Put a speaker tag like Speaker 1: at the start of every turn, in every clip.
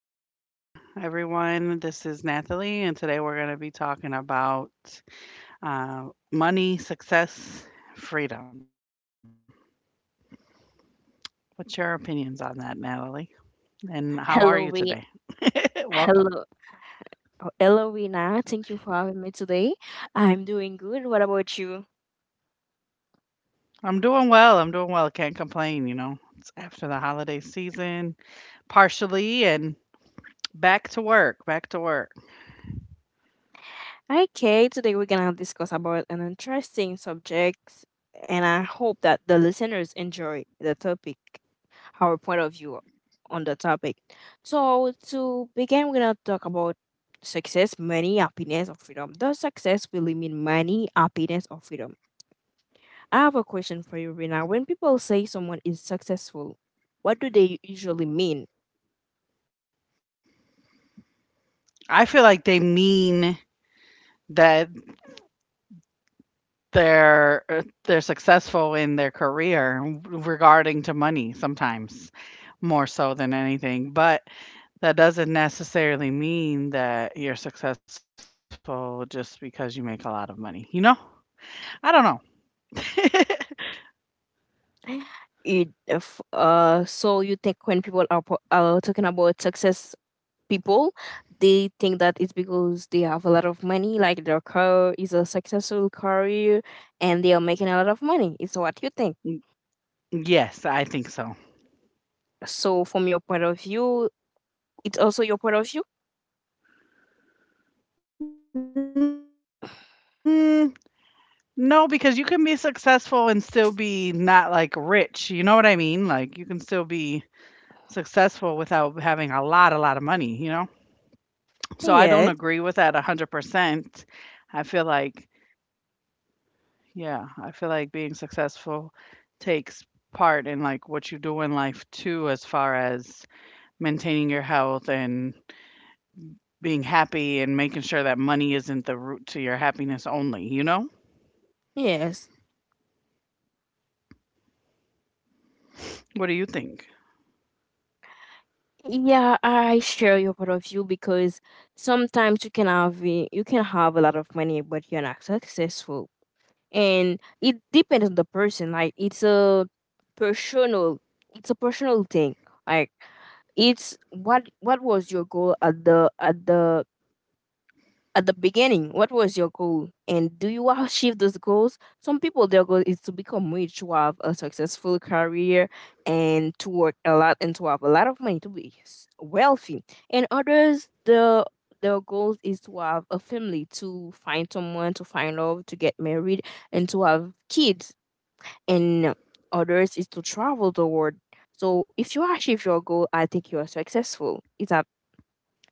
Speaker 1: Arena Show, everyone. This is Natalie, and today we're going to be talking about money, success, freedom. What's your opinions on that, Natalie? And how are you today?
Speaker 2: Hello, Re-
Speaker 1: welcome.
Speaker 2: hello, oh, hello, Rina. Thank you for having me today. I'm doing good. What about you?
Speaker 1: I'm doing well. I'm doing well. Can't complain, you know. It's after the holiday season, partially, and back to work, back to work.
Speaker 2: Okay, today we're gonna discuss about an interesting subject, and I hope that the listeners enjoy the topic, our point of view on the topic. So to begin, we're gonna talk about success, money, happiness, or freedom. Does success really mean money, happiness, or freedom? I have a question for you, Rina. When people say someone is successful, what do they usually mean?
Speaker 1: I feel like they mean that they're successful in their career regarding to money sometimes more so than anything, but that doesn't necessarily mean that you're successful just because you make a lot of money, you know. I don't know.
Speaker 2: It, if, so you think when people are talking about success, people they think that it's because they have a lot of money, like their career is a successful career and they are making a lot of money. It's what you think?
Speaker 1: Yes, I think so.
Speaker 2: So from your point of view, it's also your point of view.
Speaker 1: mm, no, because you can be successful and still be not like rich, you know what I mean? Like you can still be successful without having a lot of money, you know. So I don't agree with that
Speaker 2: Yes.
Speaker 1: 100%. I feel like, yeah, I feel like being successful takes part in like what you do in life too, as far as maintaining your health and being happy and making sure that money isn't the root to your happiness only, you know?
Speaker 2: Yes,
Speaker 1: What do you think?
Speaker 2: yeah, I share your point of view because sometimes you can have a lot of money but you're not successful, and it depends on the person. Like, it's a personal, it's a personal thing. Like, it's what was your goal at the, at the beginning? What was your goal? And do you achieve those goals? Some people, their goal is to become rich, to have a successful career, and to work a lot and to have a lot of money, to be wealthy. And others, their goals is to have a family, to find someone, to find love, to get married, and to have kids. And others is to travel the world. So if you achieve your goal, I think you are successful. It's a,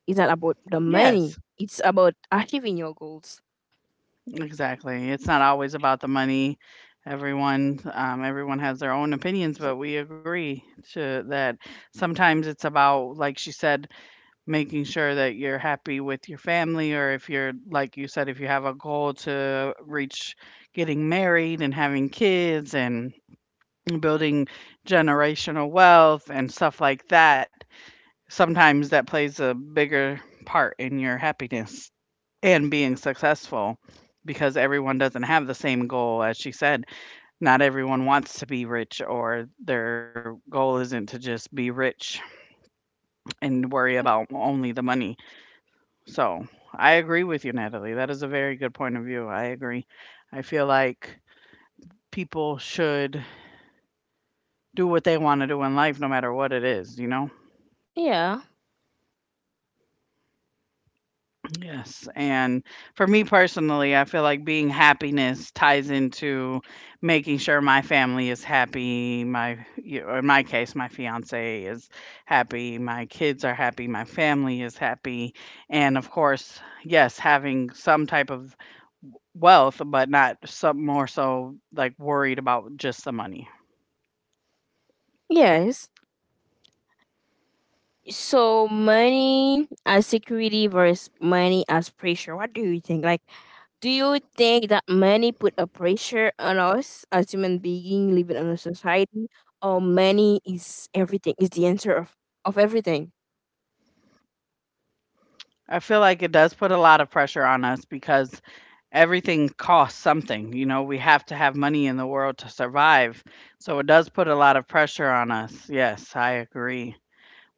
Speaker 2: it's not about the
Speaker 1: Yes,
Speaker 2: money. It's about achieving your goals.
Speaker 1: exactly. It's not always about the money. Everyone has their own opinions, but we agree to that. Sometimes it's about, like she said, making sure that you're happy with your family, or if you're, like you said, if you have a goal to reach, getting married and having kids and building generational wealth and stuff like that, sometimes that plays a bigger part in your happiness and being successful, because everyone doesn't have the same goal. As she said, not everyone wants to be rich, or their goal isn't to just be rich and worry about only the money. So, I agree with you, Natalie. That is a very good point of view. I agree. I feel like people should do what they want to do in life, no matter what it is, you know?
Speaker 2: Yeah.
Speaker 1: Yes, and for me personally, I feel like being happiness ties into making sure my family is happy. My, you- or in my case, my fiance is happy. My kids are happy. My family is happy, and of course, yes, having some type of wealth, but not some more so like worried about just the money.
Speaker 2: Yes. So money as security versus money as pressure. What do you think? Like, do you think that money put a pressure on us as human being living in a society, or money is everything? Is the answer of everything?
Speaker 1: I feel like it does put a lot of pressure on us, because everything costs something. You know, we have to have money in the world to survive. So it does put a lot of pressure on us. Yes, I agree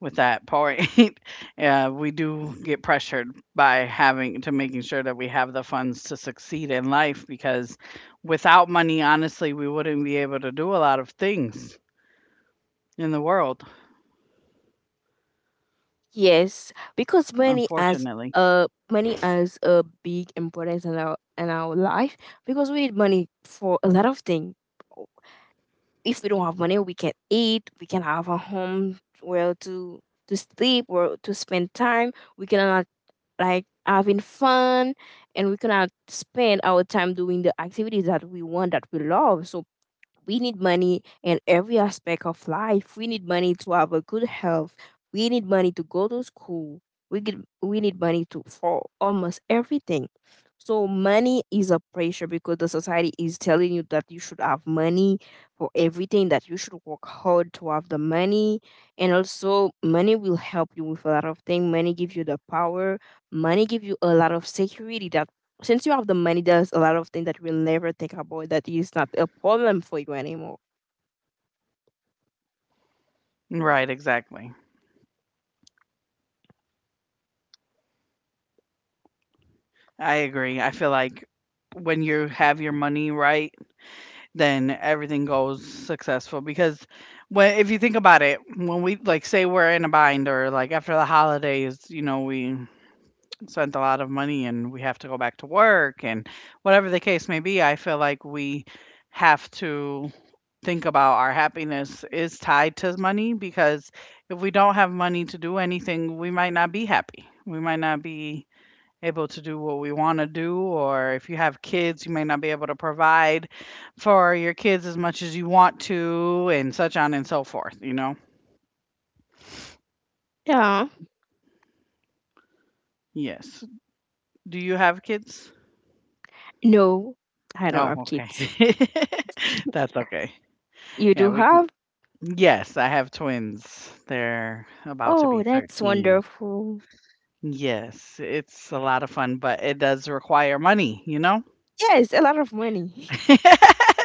Speaker 1: with that point. Yeah, we do get pressured by having to making sure that we have the funds to succeed in life, because without money, honestly, we wouldn't be able to do a lot of things in the world,
Speaker 2: Yes, because money has
Speaker 1: unfortunately.
Speaker 2: a, money has a big importance in our life, because we need money for a lot of things. If we don't have money, we can eat, we can have a home where to sleep or to spend time. We cannot like having fun, and we cannot spend our time doing the activities that we want, that we love. So we need money in every aspect of life. We need money to have a good health. We need money to go to school. We get, we need money to for almost everything. So money is a pressure because the society is telling you that you should have money for everything, that you should work hard to have the money. And also money will help you with a lot of things. Money gives you the power. Money gives you a lot of security, that since you have the money, there's a lot of things that we'll never think about, that is not a problem for you anymore.
Speaker 1: Right, exactly. I agree. I feel like when you have your money right, then everything goes successful, because when, if you think about it, when we, like, say we're in a bind, or like after the holidays, you know, we spent a lot of money and we have to go back to work and whatever the case may be, I feel like we have to think about our happiness is tied to money, because if we don't have money to do anything, we might not be happy, we might not be able to do what we want to do, or if you have kids, you may not be able to provide for your kids as much as you want to, and such on and so forth, you know?
Speaker 2: Yeah.
Speaker 1: Yes. Do you have kids?
Speaker 2: No, I don't have
Speaker 1: Oh,
Speaker 2: kids.
Speaker 1: okay. That's okay.
Speaker 2: You
Speaker 1: Yeah,
Speaker 2: do
Speaker 1: we can.
Speaker 2: have?
Speaker 1: Yes, I have twins. They're about to be
Speaker 2: Oh, that's
Speaker 1: 13.
Speaker 2: wonderful.
Speaker 1: Yes, it's a lot of fun, but it does require money, you know?
Speaker 2: Yes, a lot of money.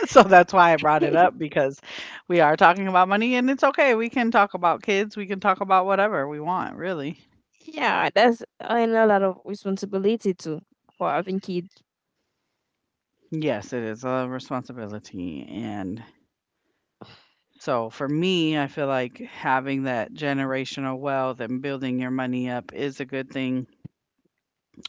Speaker 1: So that's why I brought it up, because we are talking about money, and it's okay. We can talk about kids. We can talk about whatever we want, really.
Speaker 2: Yeah, that's, and a lot of responsibility too, for having kids.
Speaker 1: Yes, it is a responsibility. And so for me, I feel like having that generational wealth and building your money up is a good thing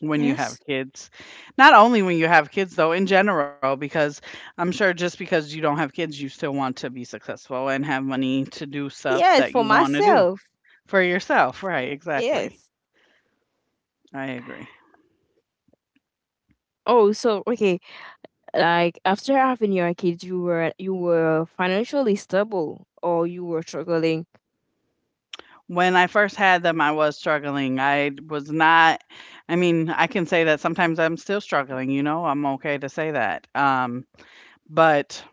Speaker 1: when you
Speaker 2: Yes.
Speaker 1: have kids. Not only when you have kids, though, in general, because I'm sure just because you don't have kids, you still want to be successful and have money to do stuff
Speaker 2: Yes,
Speaker 1: that
Speaker 2: for
Speaker 1: you want to do
Speaker 2: myself.
Speaker 1: for yourself. Right, exactly.
Speaker 2: Yes.
Speaker 1: I agree.
Speaker 2: Oh, so okay. Like, after having your kids, you were, you were financially stable, or you were struggling?
Speaker 1: When I first had them, I was struggling. I was not, I mean, I can say that sometimes I'm still struggling, you know, I'm okay to say that. But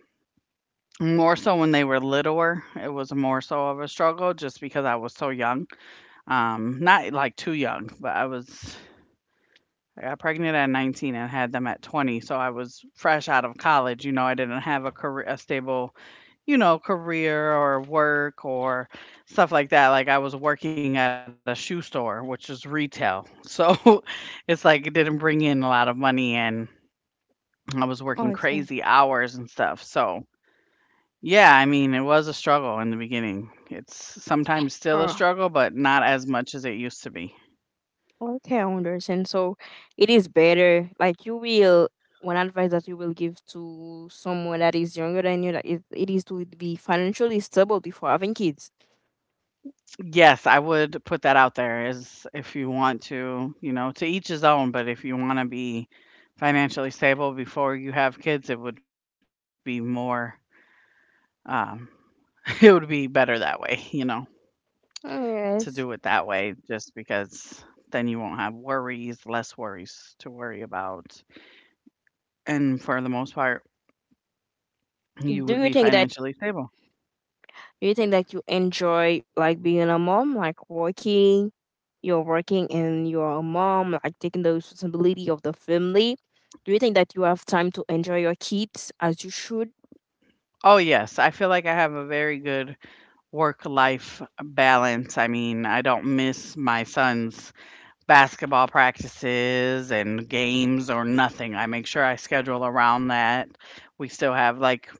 Speaker 1: more so when they were littler, it was more so of a struggle just because I was so young. Not, like, too young, but I got pregnant at 19 and had them at 20, so I was fresh out of college, you know, I didn't have a career, a stable, you know, career or work or stuff like that. Like, I was working at a shoe store, which is retail, so it's like it didn't bring in a lot of money, and I was working
Speaker 2: Okay.
Speaker 1: crazy hours and stuff, so yeah, I mean, it was a struggle in the beginning. It's sometimes still a struggle, but not as much as it used to be.
Speaker 2: Okay, I understand. So it is better. Like, you will, one advice that you will give to someone that is younger than you, that it is to be financially stable before having kids.
Speaker 1: Yes, I would put that out there is if you want to, you know, to each his own, but if you want to be financially stable before you have kids, it would be more um it would be better that way, you know,
Speaker 2: Mm,
Speaker 1: to
Speaker 2: yes.
Speaker 1: do it that way, just because then you won't have worries, less worries to worry about. And for the most part,
Speaker 2: Do you
Speaker 1: you
Speaker 2: think
Speaker 1: would be
Speaker 2: that
Speaker 1: financially stable.
Speaker 2: do you think that you enjoy, like, being a mom, like working, you're working and you're a mom, like taking the responsibility of the family? Do you think that you have time to enjoy your kids as you should?
Speaker 1: Oh, yes. I feel like I have a very good work life balance. I mean, I don't miss my sons basketball practices and games or nothing. I make sure I schedule around that. We still have like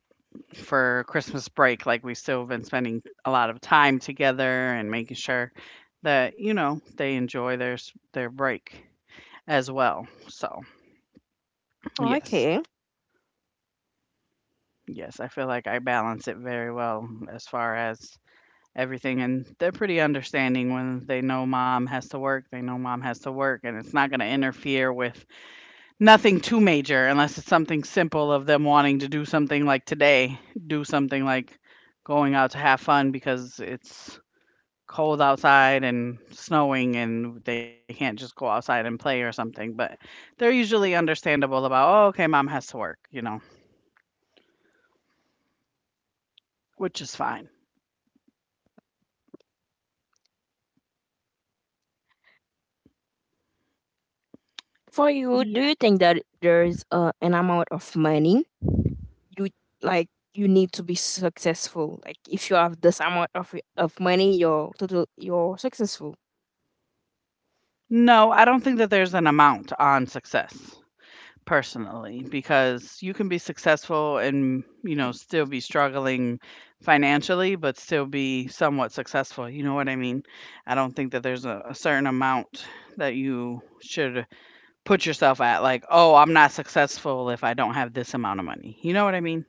Speaker 1: for Christmas break, like we still have been spending a lot of time together and making sure that, you know, they enjoy their break as well. So, yes.
Speaker 2: Okay.
Speaker 1: Yes, I feel like I balance it very well as far as everything, and they're pretty understanding. When they know mom has to work, they know mom has to work and it's not going to interfere with nothing too major, unless it's something simple of them wanting to do something like today, do something like going out to have fun because it's cold outside and snowing and they can't just go outside and play or something, but they're usually understandable about, "Oh, okay, mom has to work," you know, which is fine.
Speaker 2: For you, do
Speaker 1: Yeah.
Speaker 2: you think that there's an amount of money you like you need to be successful? Like, if you have this amount of money, you're total you're successful.
Speaker 1: No, I don't think that there's an amount on success. Personally, because you can be successful and, you know, still be struggling financially, but still be somewhat successful, you know what I mean? I don't think that there's a certain amount that you should put yourself at, like, "Oh, I'm not successful if I don't have this amount of money." You know what I mean?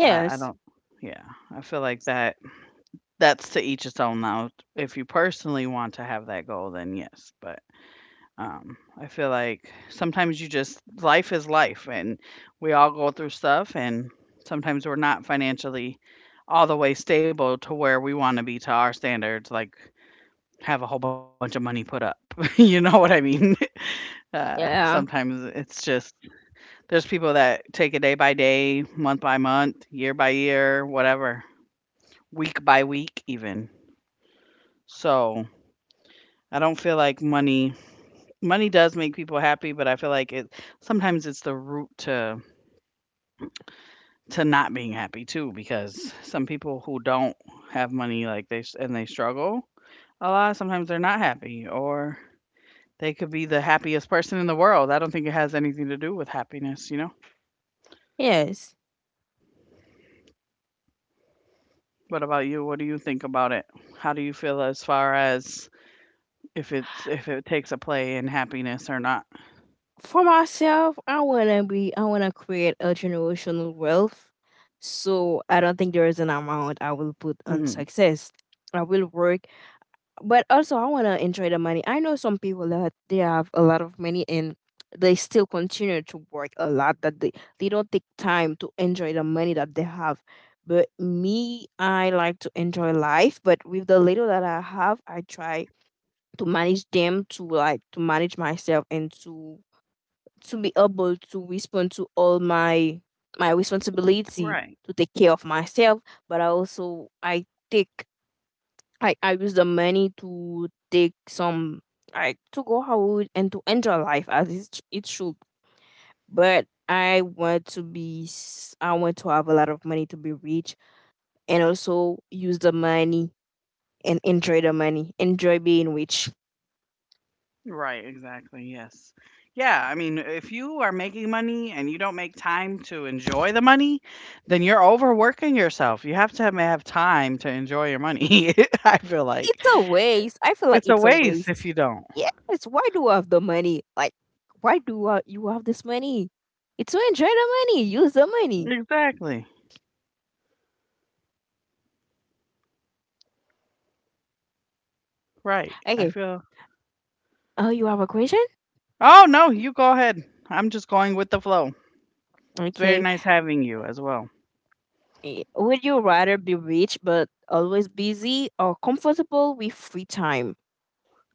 Speaker 1: I don't, yeah, I feel like that that's to each its own now. If you personally want to have that goal, then yes, but I feel like sometimes you just, life is life, and we all go through stuff, and sometimes we're not financially all the way stable to where we want to be to our standards, like have a whole bunch of money put up. You know what I mean?
Speaker 2: Yeah.
Speaker 1: Sometimes it's just there's people that take it day by day, month by month, year by year, whatever, week by week, even. So I don't feel like money, money does make people happy, but I feel like it sometimes it's the root to not being happy too, because some people who don't have money, like they and they struggle a lot, sometimes they're not happy, or they could be the happiest person in the world. I don't think it has anything to do with happiness, you know?
Speaker 2: Yes.
Speaker 1: What about you? What do you think about it? How do you feel as far as if it takes a play in happiness or not?
Speaker 2: For myself, I wanna create a generational wealth. So I don't think there is an amount I
Speaker 1: Hmm.
Speaker 2: will put on success. I will work. But also, I want to enjoy the money. I know some people that they have a lot of money and they still continue to work a lot. That they don't take time to enjoy the money that they have. But me, I like to enjoy life. But with the little that I have, I try to manage them, to, like, to manage myself and to be able to respond to all my
Speaker 1: Right.
Speaker 2: responsibility, to take care of myself. But I also, I take I use the money to take some, like, to go out and to enjoy life as it should. But I want to be I want to have a lot of money to be rich, and also use the money and enjoy the money. Enjoy being rich.
Speaker 1: Right, exactly, yes. Yeah, I mean, if you are making money and you don't make time to enjoy the money, then you're overworking yourself. You have to have time to enjoy your money, I feel like.
Speaker 2: It's a waste. I feel like
Speaker 1: It's a
Speaker 2: it's a
Speaker 1: waste if
Speaker 2: waste.
Speaker 1: you don't.
Speaker 2: Yes, why do I have the money? Like, why do I, you have this money? It's to enjoy the money. Use the money.
Speaker 1: Exactly. Right. I
Speaker 2: Okay.
Speaker 1: feel
Speaker 2: Oh, you have a question?
Speaker 1: Oh, no, you go ahead. I'm just going with the flow. It's very
Speaker 2: Okay.
Speaker 1: nice having you as well.
Speaker 2: Would you rather be rich but always busy, or comfortable with free time?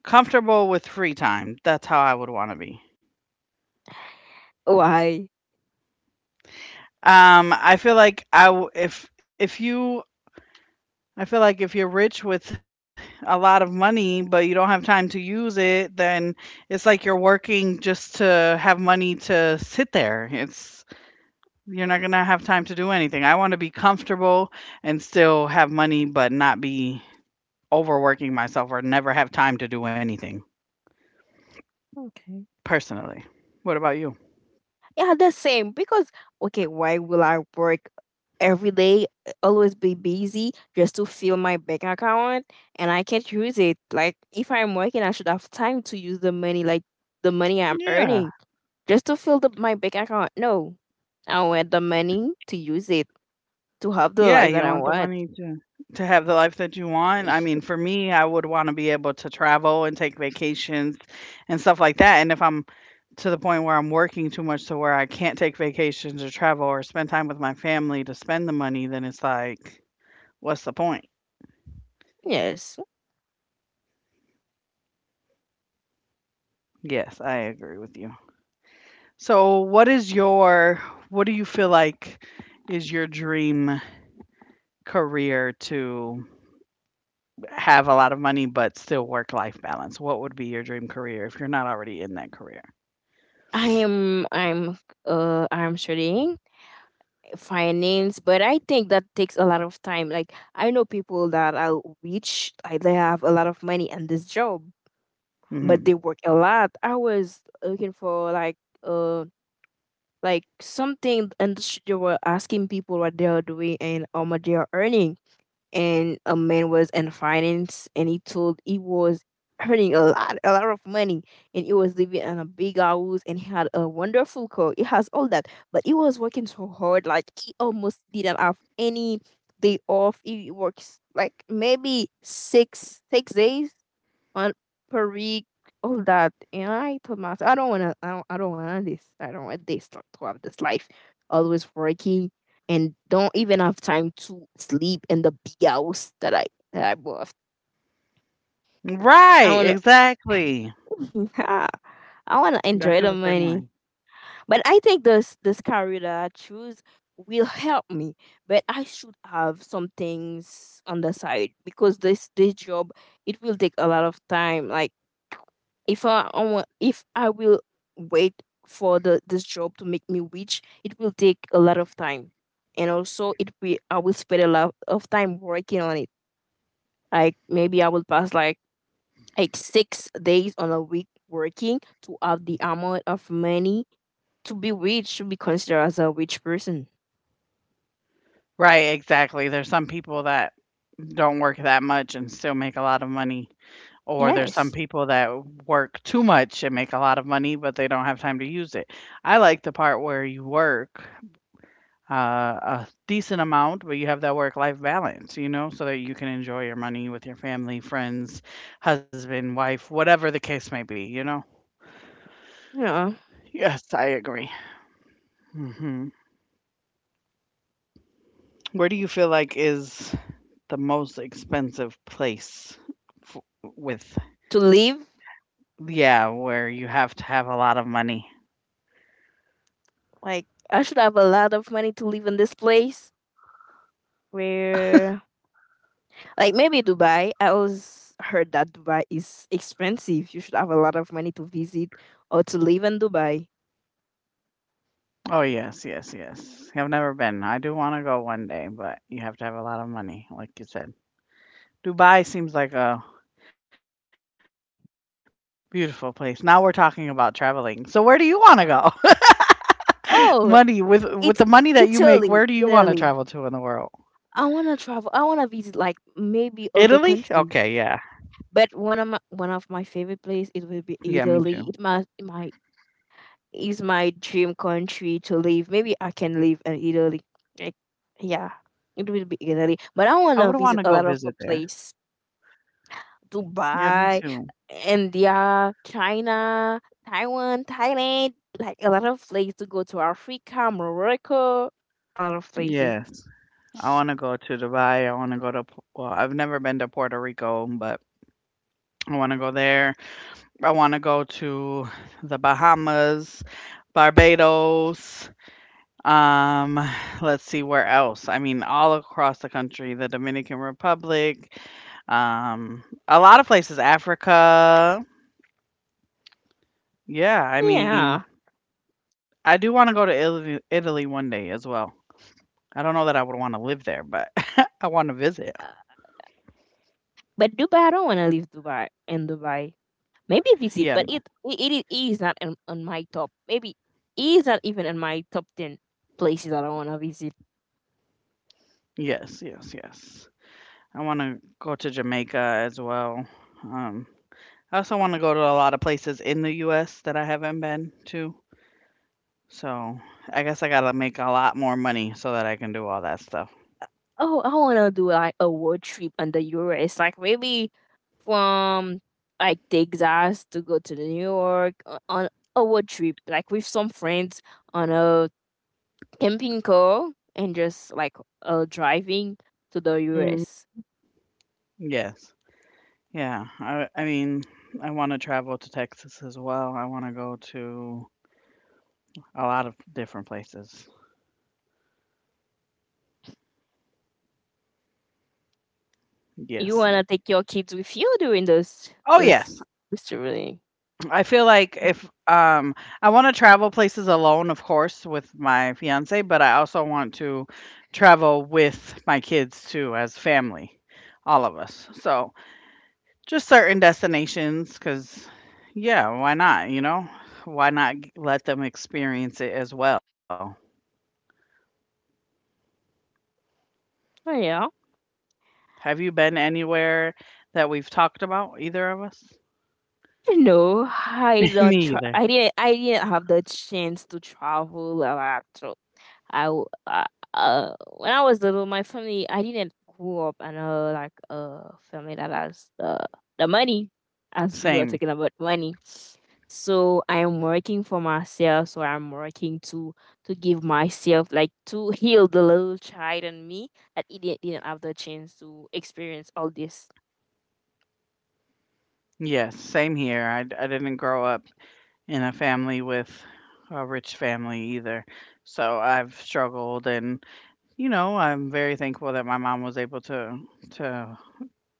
Speaker 1: Comfortable with free time. That's how I would want to be.
Speaker 2: Why?
Speaker 1: I feel like if you, I feel like if you're rich with a lot of money, but you don't have time to use it, then it's like you're working just to have money to sit there. It's you're not gonna have time to do anything. I want to be comfortable and still have money, but not be overworking myself or never have time to do anything
Speaker 2: Okay.
Speaker 1: personally. What about you?
Speaker 2: Yeah, the same. Because, okay, why will I work every day, always be busy just to fill my bank account and I can't use it? Like, if I'm working, I should have time to use the money, like the money I'm
Speaker 1: Yeah.
Speaker 2: earning, just to fill my bank account. No, I want the money to use it to have the
Speaker 1: Yeah,
Speaker 2: life that
Speaker 1: you
Speaker 2: I
Speaker 1: want the
Speaker 2: want.
Speaker 1: money to have the life that you want. I mean, for me, I would want to be able to travel and take vacations and stuff like that. And if I'm to the point where I'm working too much to where I can't take vacations or travel or spend time with my family to spend the money, then it's like, what's the point?
Speaker 2: Yes,
Speaker 1: Yes, I agree with you. So, what do you feel like is your dream career to have a lot of money but still work life balance? What would be your dream career if you're not already in that career?
Speaker 2: I am. I'm studying finance, but I think that takes a lot of time. Like, I know people that are rich, like they have a lot of money and this job, but
Speaker 1: Hmm.
Speaker 2: they work a lot. I was looking for like uh like something, and they were asking people what they are doing and how much they are earning. And a man was in finance, and he told he was earning a lot of money, and he was living in a big house, and he had a wonderful car. He has all that, but he was working so hard. Like, he almost didn't have any day off. He works like maybe six six days on per week, all that. And I told myself, I don't want this. I don't want this to have this life, always working, and don't even have time to sleep in the big house that I bought. I
Speaker 1: Right,
Speaker 2: wanna,
Speaker 1: exactly.
Speaker 2: I wanna
Speaker 1: I
Speaker 2: enjoy
Speaker 1: feel
Speaker 2: the
Speaker 1: the same
Speaker 2: money.
Speaker 1: way.
Speaker 2: But I think this career that I choose will help me. But I should have some things on the side, because this job, it will take a lot of time. Like, if I will wait for the this job to make me rich, it will take a lot of time, and also it will I will spend a lot of time working on it. Like, maybe I will pass like 6 days on a week working to have the amount of money to be rich, to be considered as a rich person.
Speaker 1: Right, exactly. There's some people that don't work that much and still make a lot of money. Or there's some
Speaker 2: Yes.
Speaker 1: people that work too much and make a lot of money, but they don't have time to use it. I like the part where you work a decent amount, but you have that work life balance, you know, so that you can enjoy your money with your family, friends, husband, wife, whatever the case may be, you know?
Speaker 2: Yeah.
Speaker 1: Yes, I agree. Hmm. Where do you feel like is the most expensive place f- with,
Speaker 2: To live,
Speaker 1: yeah, where you have to have a lot of money?
Speaker 2: like, I should have a lot of money to live in this place, where, like, maybe Dubai. I always heard that Dubai is expensive. You should have a lot of money to visit or to live in Dubai.
Speaker 1: Oh, yes, yes, yes. I've never been. I do want to go one day, but you have to have a lot of money, like you said. Dubai seems like a beautiful place. Now we're talking about traveling. So where do you want to go? Money with the money that you make,
Speaker 2: Oh,
Speaker 1: where do you want to
Speaker 2: it's
Speaker 1: travel to in the world?
Speaker 2: Italy, Italy. I wanna travel. I wanna visit,
Speaker 1: Italy?
Speaker 2: like,
Speaker 1: Okay,
Speaker 2: maybe
Speaker 1: yeah.
Speaker 2: other countries. But one of my favorite
Speaker 1: Yeah,
Speaker 2: place,
Speaker 1: me
Speaker 2: it will
Speaker 1: too.
Speaker 2: be Italy. It might, it might is my dream country to live. Maybe I can live in Italy. Like, yeah, it will be Italy. But I
Speaker 1: I would
Speaker 2: want to
Speaker 1: want to
Speaker 2: visit
Speaker 1: go
Speaker 2: a lot
Speaker 1: visit
Speaker 2: of a
Speaker 1: there.
Speaker 2: place:
Speaker 1: Yeah, me
Speaker 2: Dubai,
Speaker 1: too.
Speaker 2: India, China, Taiwan, Thailand. Like, a lot of places to go to, Africa, Morocco, a lot of places.
Speaker 1: Yes. I want to go to Dubai. I want to go to, well, I've never been to Puerto Rico, but I want to go there. I want to go to the Bahamas, Barbados. Um, let's see where else. I mean, all across the country, the Dominican Republic, a lot of places, Africa. Yeah, I mean,
Speaker 2: Yeah.
Speaker 1: I do want to go to Italy, Italy one day as well. I don't know that I would want to live there, but I want to visit.
Speaker 2: Uh, but Dubai, I don't want to live Dubai in Dubai. Maybe visit,
Speaker 1: Yeah,
Speaker 2: but it is not on my top. Maybe it is not even in my top 10 places that I want to visit.
Speaker 1: yes, yes, yes. I want to go to Jamaica as well. Um, I also want to go to a lot of places in the US that I haven't been to. So I guess I got to make a lot more money so that I can do all that stuff.
Speaker 2: Uh, Oh, I want to do like a road trip in the US, like, maybe from, like, takes us to go to New York on a road trip, like with some friends on a camping car and just like driving to the
Speaker 1: Mm.
Speaker 2: US.
Speaker 1: Yes. Yeah. I mean, I want to travel to Texas as well. I want to go to a lot of different places.
Speaker 2: You
Speaker 1: Yes.
Speaker 2: wanna
Speaker 1: Yes.
Speaker 2: take your kids with you during those
Speaker 1: Oh, yes.
Speaker 2: those this, really?
Speaker 1: I feel like if I want to travel places alone, of course, with my fiance, but I also want to travel with my kids too, as family, all of us. So just certain destinations, cause yeah, why not, you know? Why not let them experience it as well?
Speaker 2: Oh yeah.
Speaker 1: Have you been anywhere that we've talked about, either of us?
Speaker 2: You know, I don't.
Speaker 1: Me either.
Speaker 2: I didn't. Have the chance to travel a lot. So I w- uh, when I was little, my family, I didn't grow up in a, like, a family that has the money, as we were
Speaker 1: Same.
Speaker 2: talking about money. So I am working for myself. So I'm working to give myself like to heal the little child in me that it didn't have the chance to experience all this.
Speaker 1: Yes, same here. I didn't grow up in a family with a rich family either. So I've struggled, and I'm very thankful that my mom was able to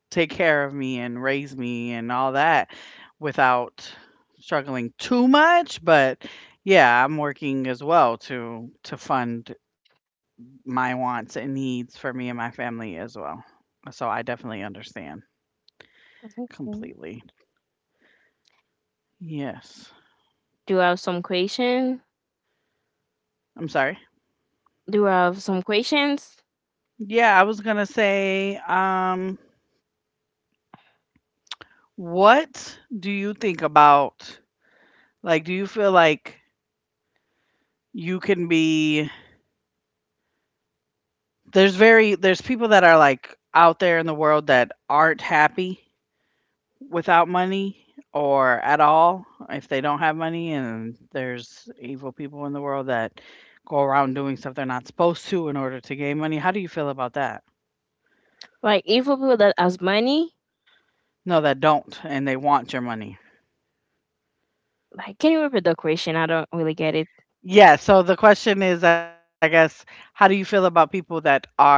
Speaker 1: take care of me and raise me and all that without struggling too much, but yeah, I'm working as well to fund my wants and needs for me and my family as well. So I definitely understand
Speaker 2: Okay.
Speaker 1: completely. Yes.
Speaker 2: Do you have some question?
Speaker 1: I'm sorry.
Speaker 2: Do you have some questions?
Speaker 1: Yeah, I was going to say what do you think about, like, do you feel like you can be, there's people that are like out there in the world that aren't happy without money or at all if they don't have money. And there's evil people in the world that go around doing stuff they're not supposed to in order to gain money. How do you feel about that?
Speaker 2: Like if a people that has money,
Speaker 1: No, that don't and they want your money.
Speaker 2: like can you repeat the question? I don't really get it.
Speaker 1: Yeah, so the question is, I guess, how do you feel about people that are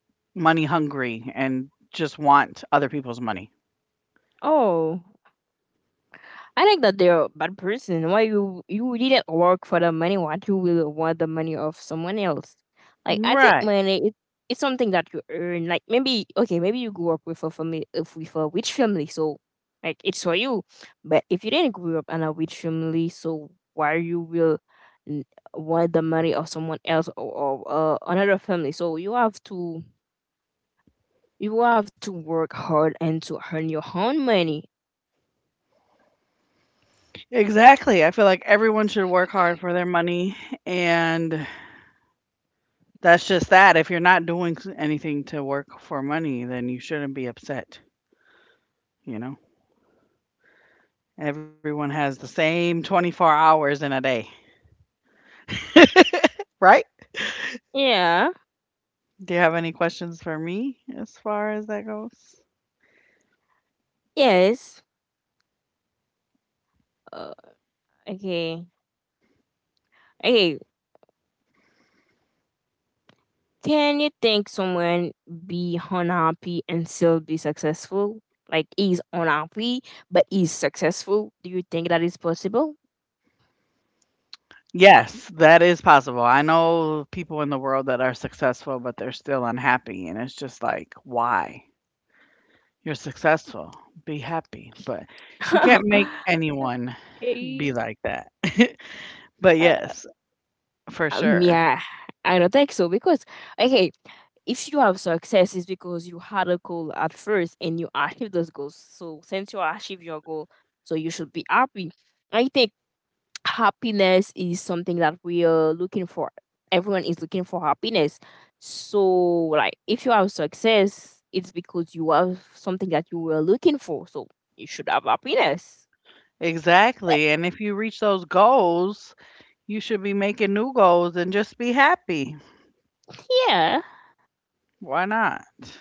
Speaker 1: money hungry and just want other people's money?
Speaker 2: Oh, I think that they're a bad person. Why you didn't work for the money? Why you will want the money of someone else? Like I think
Speaker 1: Right.
Speaker 2: money it's something that you earn. Like maybe okay, maybe you grew up with a family if with a rich family, so like it's for you. But if you didn't grow up in a rich family, so why you will n- want the money of someone else or, or another family? So you have to work hard and to earn your own money.
Speaker 1: Exactly. I feel like everyone should work hard for their money. And that's just that. If you're not doing anything to work for money, then you shouldn't be upset. You know, everyone has the same 24 hours in a day, right?
Speaker 2: Yeah.
Speaker 1: Do you have any questions for me as far as that goes?
Speaker 2: Yes. Uh, okay. Okay. Can you think someone be unhappy and still be successful? Like he's unhappy but he's successful. Do you think that is possible?
Speaker 1: Yes, that is possible. I know people in the world that are successful, but they're still unhappy. And it's just like, why? You're successful, be happy. But you can't make anyone
Speaker 2: Eh,
Speaker 1: be like that. But
Speaker 2: uh,
Speaker 1: yes, for sure.
Speaker 2: yeah, I don't think so because okay, if you have success, it's because you had a goal at first and you achieved those goals. So since you achieved your goal, so you should be happy. I think happiness is something that we are looking for. Everyone is looking for happiness. So, like, if you have success, it's because you have something that you were looking for. So, you should have happiness. Like,
Speaker 1: Exactly. And if you reach those goals, you should be making new goals and just be happy.
Speaker 2: yeah,
Speaker 1: Why not? If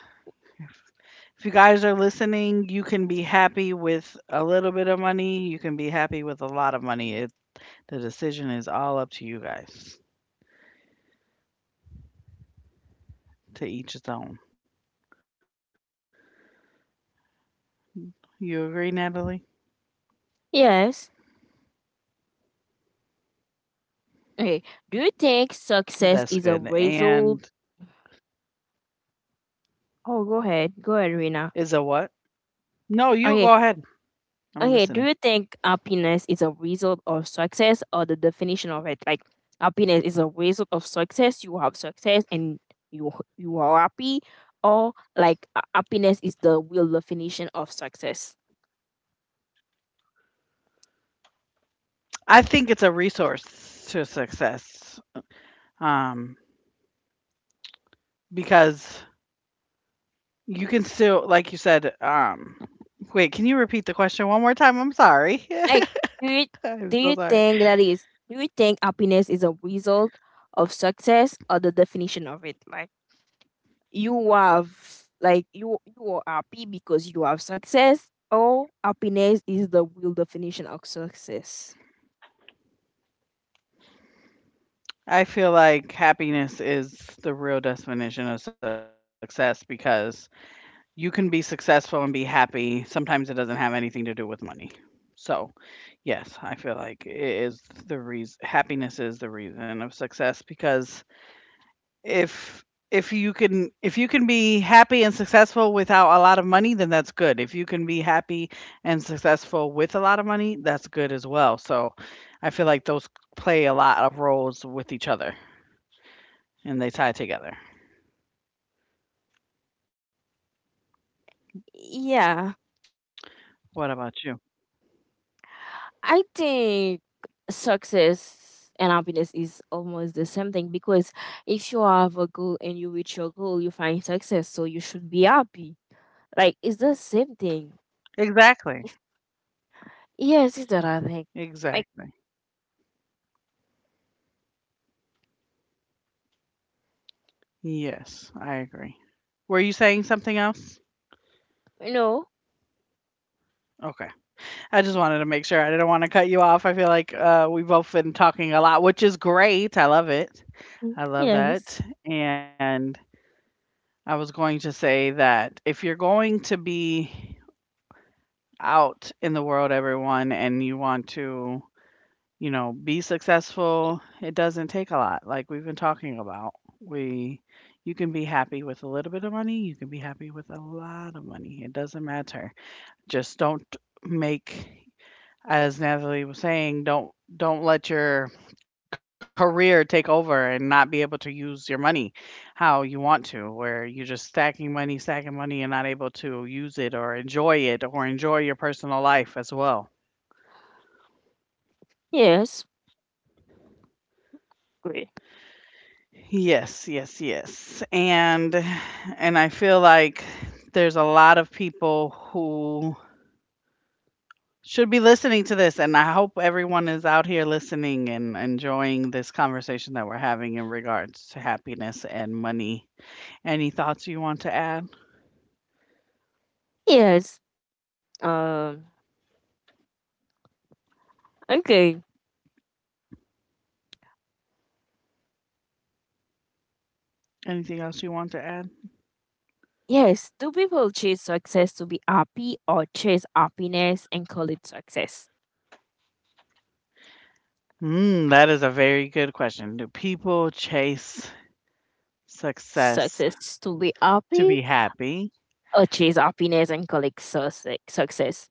Speaker 1: you guys are listening, you can be happy with a little bit of money. You can be happy with a lot of money. The decision is all up to you guys, to each its own. You agree, Natalie?
Speaker 2: yes. Okay. Do you think
Speaker 1: That's
Speaker 2: success
Speaker 1: good.
Speaker 2: is a
Speaker 1: And
Speaker 2: result? Oh, go ahead. Go ahead, Rina.
Speaker 1: is a what? No, you
Speaker 2: Okay.
Speaker 1: go ahead. I'm
Speaker 2: Okay, do
Speaker 1: listening.
Speaker 2: you think happiness is a result of success or the definition of it? Like happiness is a result of success, you have success and you you are happy, or like happiness is the real definition of success.
Speaker 1: I think it's a resource to success. um, because you can still, like you said, wait, can you repeat the question one more time? I'm sorry.
Speaker 2: Like do you
Speaker 1: I'm
Speaker 2: do
Speaker 1: so
Speaker 2: you
Speaker 1: sorry.
Speaker 2: think that is do you think happiness is a result of success or the definition of it? Like you have like you are happy because you have success or happiness is the real definition of success.
Speaker 1: I feel like happiness is the real definition of success because you can be successful and be happy. Sometimes it doesn't have anything to do with money. So, yes, I feel like it is the reason happiness is the reason of success because If if you can be happy and successful without a lot of money, then that's good. If you can be happy and successful with a lot of money, that's good as well. So I feel like those play a lot of roles with each other and they tie together.
Speaker 2: Yeah,
Speaker 1: What about you?
Speaker 2: I think success and happiness is almost the same thing because if you have a goal and you reach your goal, you find success, so you should be happy. Like, it's the same thing.
Speaker 1: Exactly.
Speaker 2: Yes, it's that I think. Like,
Speaker 1: Exactly. Yes, I agree. Were you saying something else?
Speaker 2: no.
Speaker 1: Okay. I just wanted to make sure. I didn't want to cut you off. I feel like we've both been talking a lot, which is great. I love it.
Speaker 2: Mm,
Speaker 1: I love
Speaker 2: yes,
Speaker 1: that, and I was going to say that if you're going to be out in the world, everyone, and you want to, be successful, it doesn't take a lot, like we've been talking about. We You can be happy with a little bit of money, you can be happy with a lot of money, it doesn't matter. Just don't make as Natalie was saying, don't let your career take over and not be able to use your money how you want to, where you're just stacking money and not able to use it or enjoy your personal life as well.
Speaker 2: yes. Great.
Speaker 1: Yes, yes, yes. And I feel like there's a lot of people should be listening to this and I hope everyone is out here listening and enjoying this conversation that we're having in regards to happiness and money. Any thoughts you want to add?
Speaker 2: Yes, um okay.
Speaker 1: Anything else you want to add?
Speaker 2: Yes, do people chase success to be happy or chase happiness and call it success?
Speaker 1: That is a very good question. Do people chase success
Speaker 2: Success to be
Speaker 1: to
Speaker 2: happy
Speaker 1: be happy?
Speaker 2: or chase happiness and call it success? Success.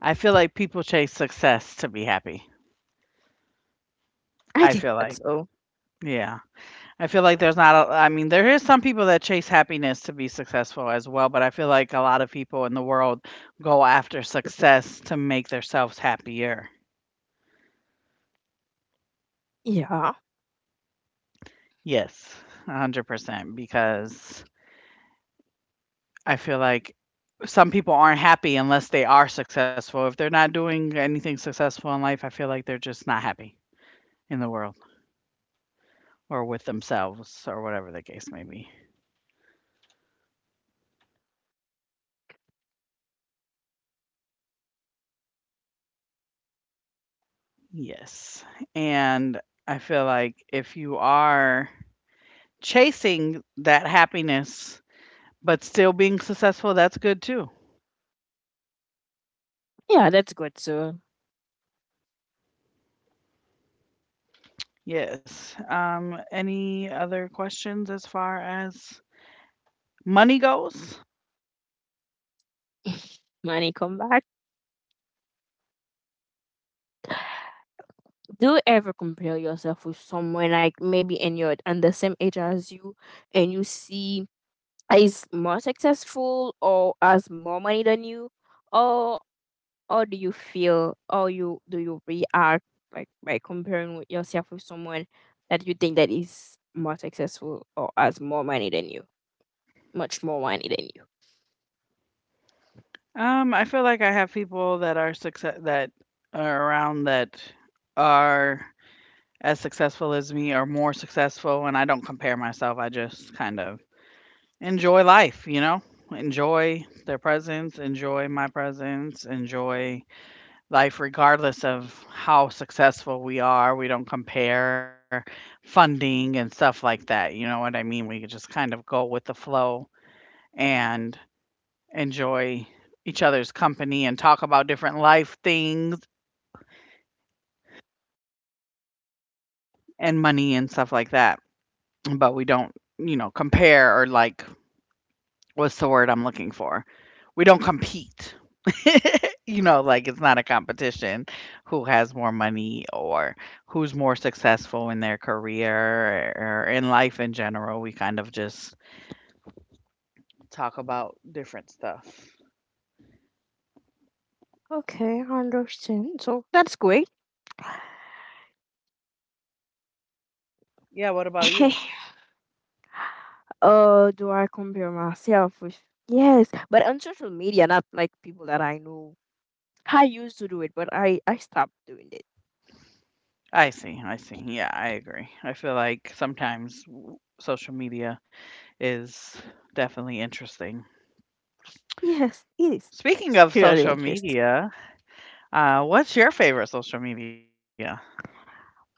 Speaker 1: I feel like people chase success to be happy.
Speaker 2: I
Speaker 1: I
Speaker 2: think
Speaker 1: feel
Speaker 2: that's
Speaker 1: like,
Speaker 2: so.
Speaker 1: yeah, I feel like there's not a, I mean, there is some people that chase happiness to be successful as well, but I feel like a lot of people in the world go after success to make themselves happier.
Speaker 2: Yeah,
Speaker 1: Yes, 100% because I feel like some people aren't happy unless they are successful. If they're not doing anything successful in life, I feel like they're just not happy in the world or with themselves or whatever the case may be. Yes. And I feel like if you are chasing that happiness but still being successful, that's good too.
Speaker 2: yeah, that's good too.
Speaker 1: Yes. Any other questions as far as money goes?
Speaker 2: Money come back. Do you ever compare yourself with someone like maybe in your and the same age as you, and you see is more successful or has more money than you, or Or do you feel or you do you react like by comparing with yourself with someone that you think that is more successful or has more money than you, much more money than you?
Speaker 1: I feel like I have people that are success that are around that are as successful as me or more successful, and I don't compare myself, I just kind of enjoy life, you know, enjoy their presence, enjoy my presence, enjoy life regardless of how successful we are. We don't compare funding and stuff like that. You know what I mean? We just kind of go with the flow and enjoy each other's company and talk about different life things and money and stuff like that. But we don't, you know, compare or like, what's the word I'm looking for? We don't compete. You know, like it's not a competition who has more money or who's more successful in their career or in life in general. We kind of just talk about different stuff.
Speaker 2: Okay, I understand. So that's great.
Speaker 1: Yeah, what about you?
Speaker 2: Do I compare myself with? Yes, but on social media, not like people that I know. I used to do it, but I stopped doing it.
Speaker 1: I see. I see. Yeah, I agree. I feel like sometimes social media is definitely interesting.
Speaker 2: Yes, it is
Speaker 1: Speaking of
Speaker 2: really
Speaker 1: social
Speaker 2: interesting.
Speaker 1: media, what's your favorite social media?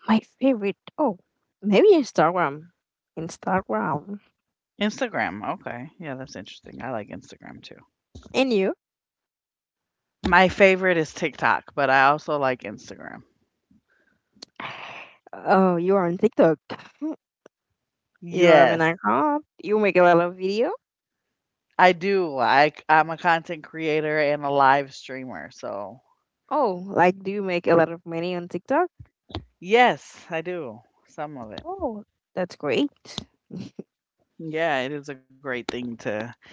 Speaker 2: My favorite. Oh, maybe Instagram. Instagram.
Speaker 1: Instagram, okay. Yeah, that's interesting. I like Instagram too.
Speaker 2: And you?
Speaker 1: My favorite is TikTok, but I also like Instagram.
Speaker 2: Oh, you are on TikTok. You have an
Speaker 1: Yes,
Speaker 2: account. You make a lot of video.
Speaker 1: I do. I'm a content creator and a live streamer, so
Speaker 2: Oh, like do you make a lot of money on TikTok?
Speaker 1: yes, I do some of it.
Speaker 2: Oh, that's great.
Speaker 1: Yeah, it is a great thing to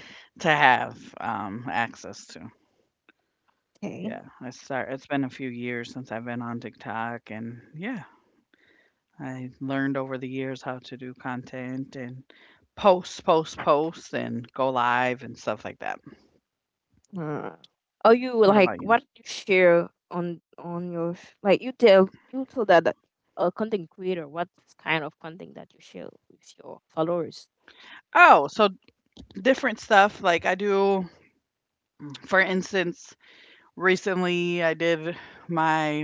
Speaker 1: to have access to. Yeah,
Speaker 2: Okay.
Speaker 1: I start. It's been a few years since I've been on TikTok, and yeah, I learned over the years how to do content and post, post, post, and go live and stuff like that.
Speaker 2: Hmm. Are you like
Speaker 1: What
Speaker 2: what
Speaker 1: about
Speaker 2: you
Speaker 1: you?
Speaker 2: share on your like you told that, that a content creator what kind of content that you share with your followers?
Speaker 1: Oh, so different stuff. Like I do, for instance, recently I did my,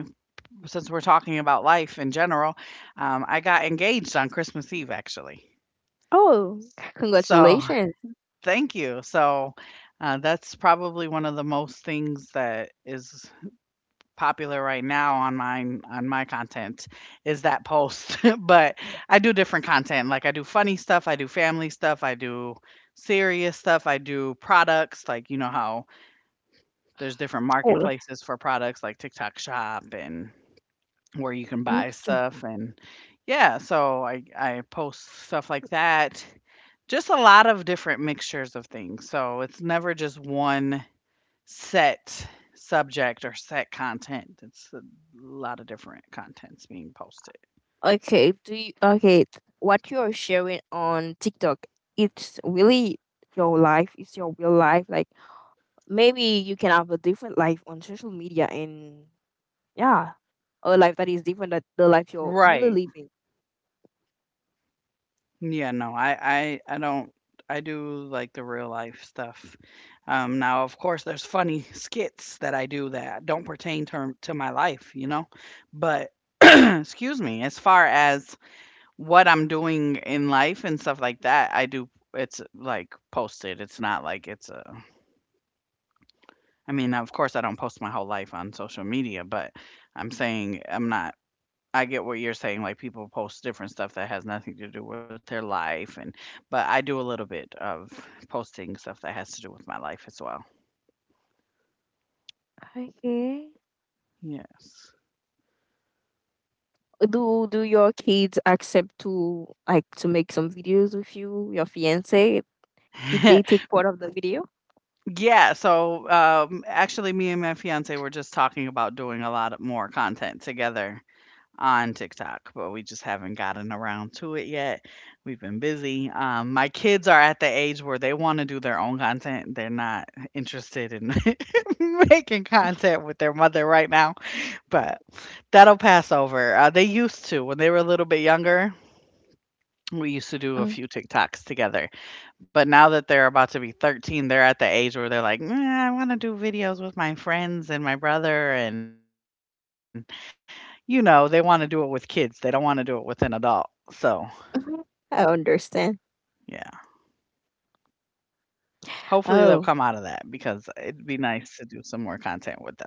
Speaker 1: since we're talking about life in general, I got engaged on Christmas Eve actually.
Speaker 2: Oh,
Speaker 1: So
Speaker 2: congratulations!
Speaker 1: thank you. So that's probably one of the most things that is popular right now on mine on my content is that post. But I do different content. Like I do funny stuff, I do family stuff, I do serious stuff, I do products, like you know how there's different
Speaker 2: Oh,
Speaker 1: marketplaces for products like TikTok Shop and where you can buy
Speaker 2: mhm.
Speaker 1: stuff and yeah, so I post stuff like that. Just a lot of different mixtures of things. So it's never just one set subject or set content. It's a lot of different contents being posted.
Speaker 2: Okay, okay, what you're sharing on TikTok, it's really your life, it's your real life. Like maybe you can have a different life on social media and yeah, a life that is different than the life you're
Speaker 1: Right.
Speaker 2: really living.
Speaker 1: Yeah, no, I don't. I do like the real life stuff. Um, now of course there's funny skits that I do that don't pertain to my life, you know? But excuse me, as far as what I'm doing in life and stuff like that, I do it's like posted. It's not like it's a, I mean, of course, I don't post my whole life on social media, but I'm saying I'm not. I get what you're saying. Like people post different stuff that has nothing to do with their life, and but I do a little bit of posting stuff that has to do with my life as well.
Speaker 2: Okay.
Speaker 1: Yes.
Speaker 2: Do your kids accept to like to make some videos with you, your fiance? Did they take part of the video?
Speaker 1: Yeah. So actually, me and my fiance were just talking about doing a lot of more content together on TikTok, but we just haven't gotten around to it yet. We've been busy. My kids are at the age where they want to do their own content. They're not interested in making content with their mother right now, but that'll pass over. They used to when they were a little bit younger. We used to do a
Speaker 2: Ah.
Speaker 1: few TikToks together, but now that they're about to be 13, they're at the age where they're like, "Nah, I want to do videos with my friends and my brother and you know, they wanna do it with kids, they don't wanna do it with an adult, so,
Speaker 2: Mhm. I
Speaker 1: yeah.
Speaker 2: understand.
Speaker 1: Hopefully, they'll come out of that
Speaker 2: Oh,
Speaker 1: because it'd be nice to do some more content with them.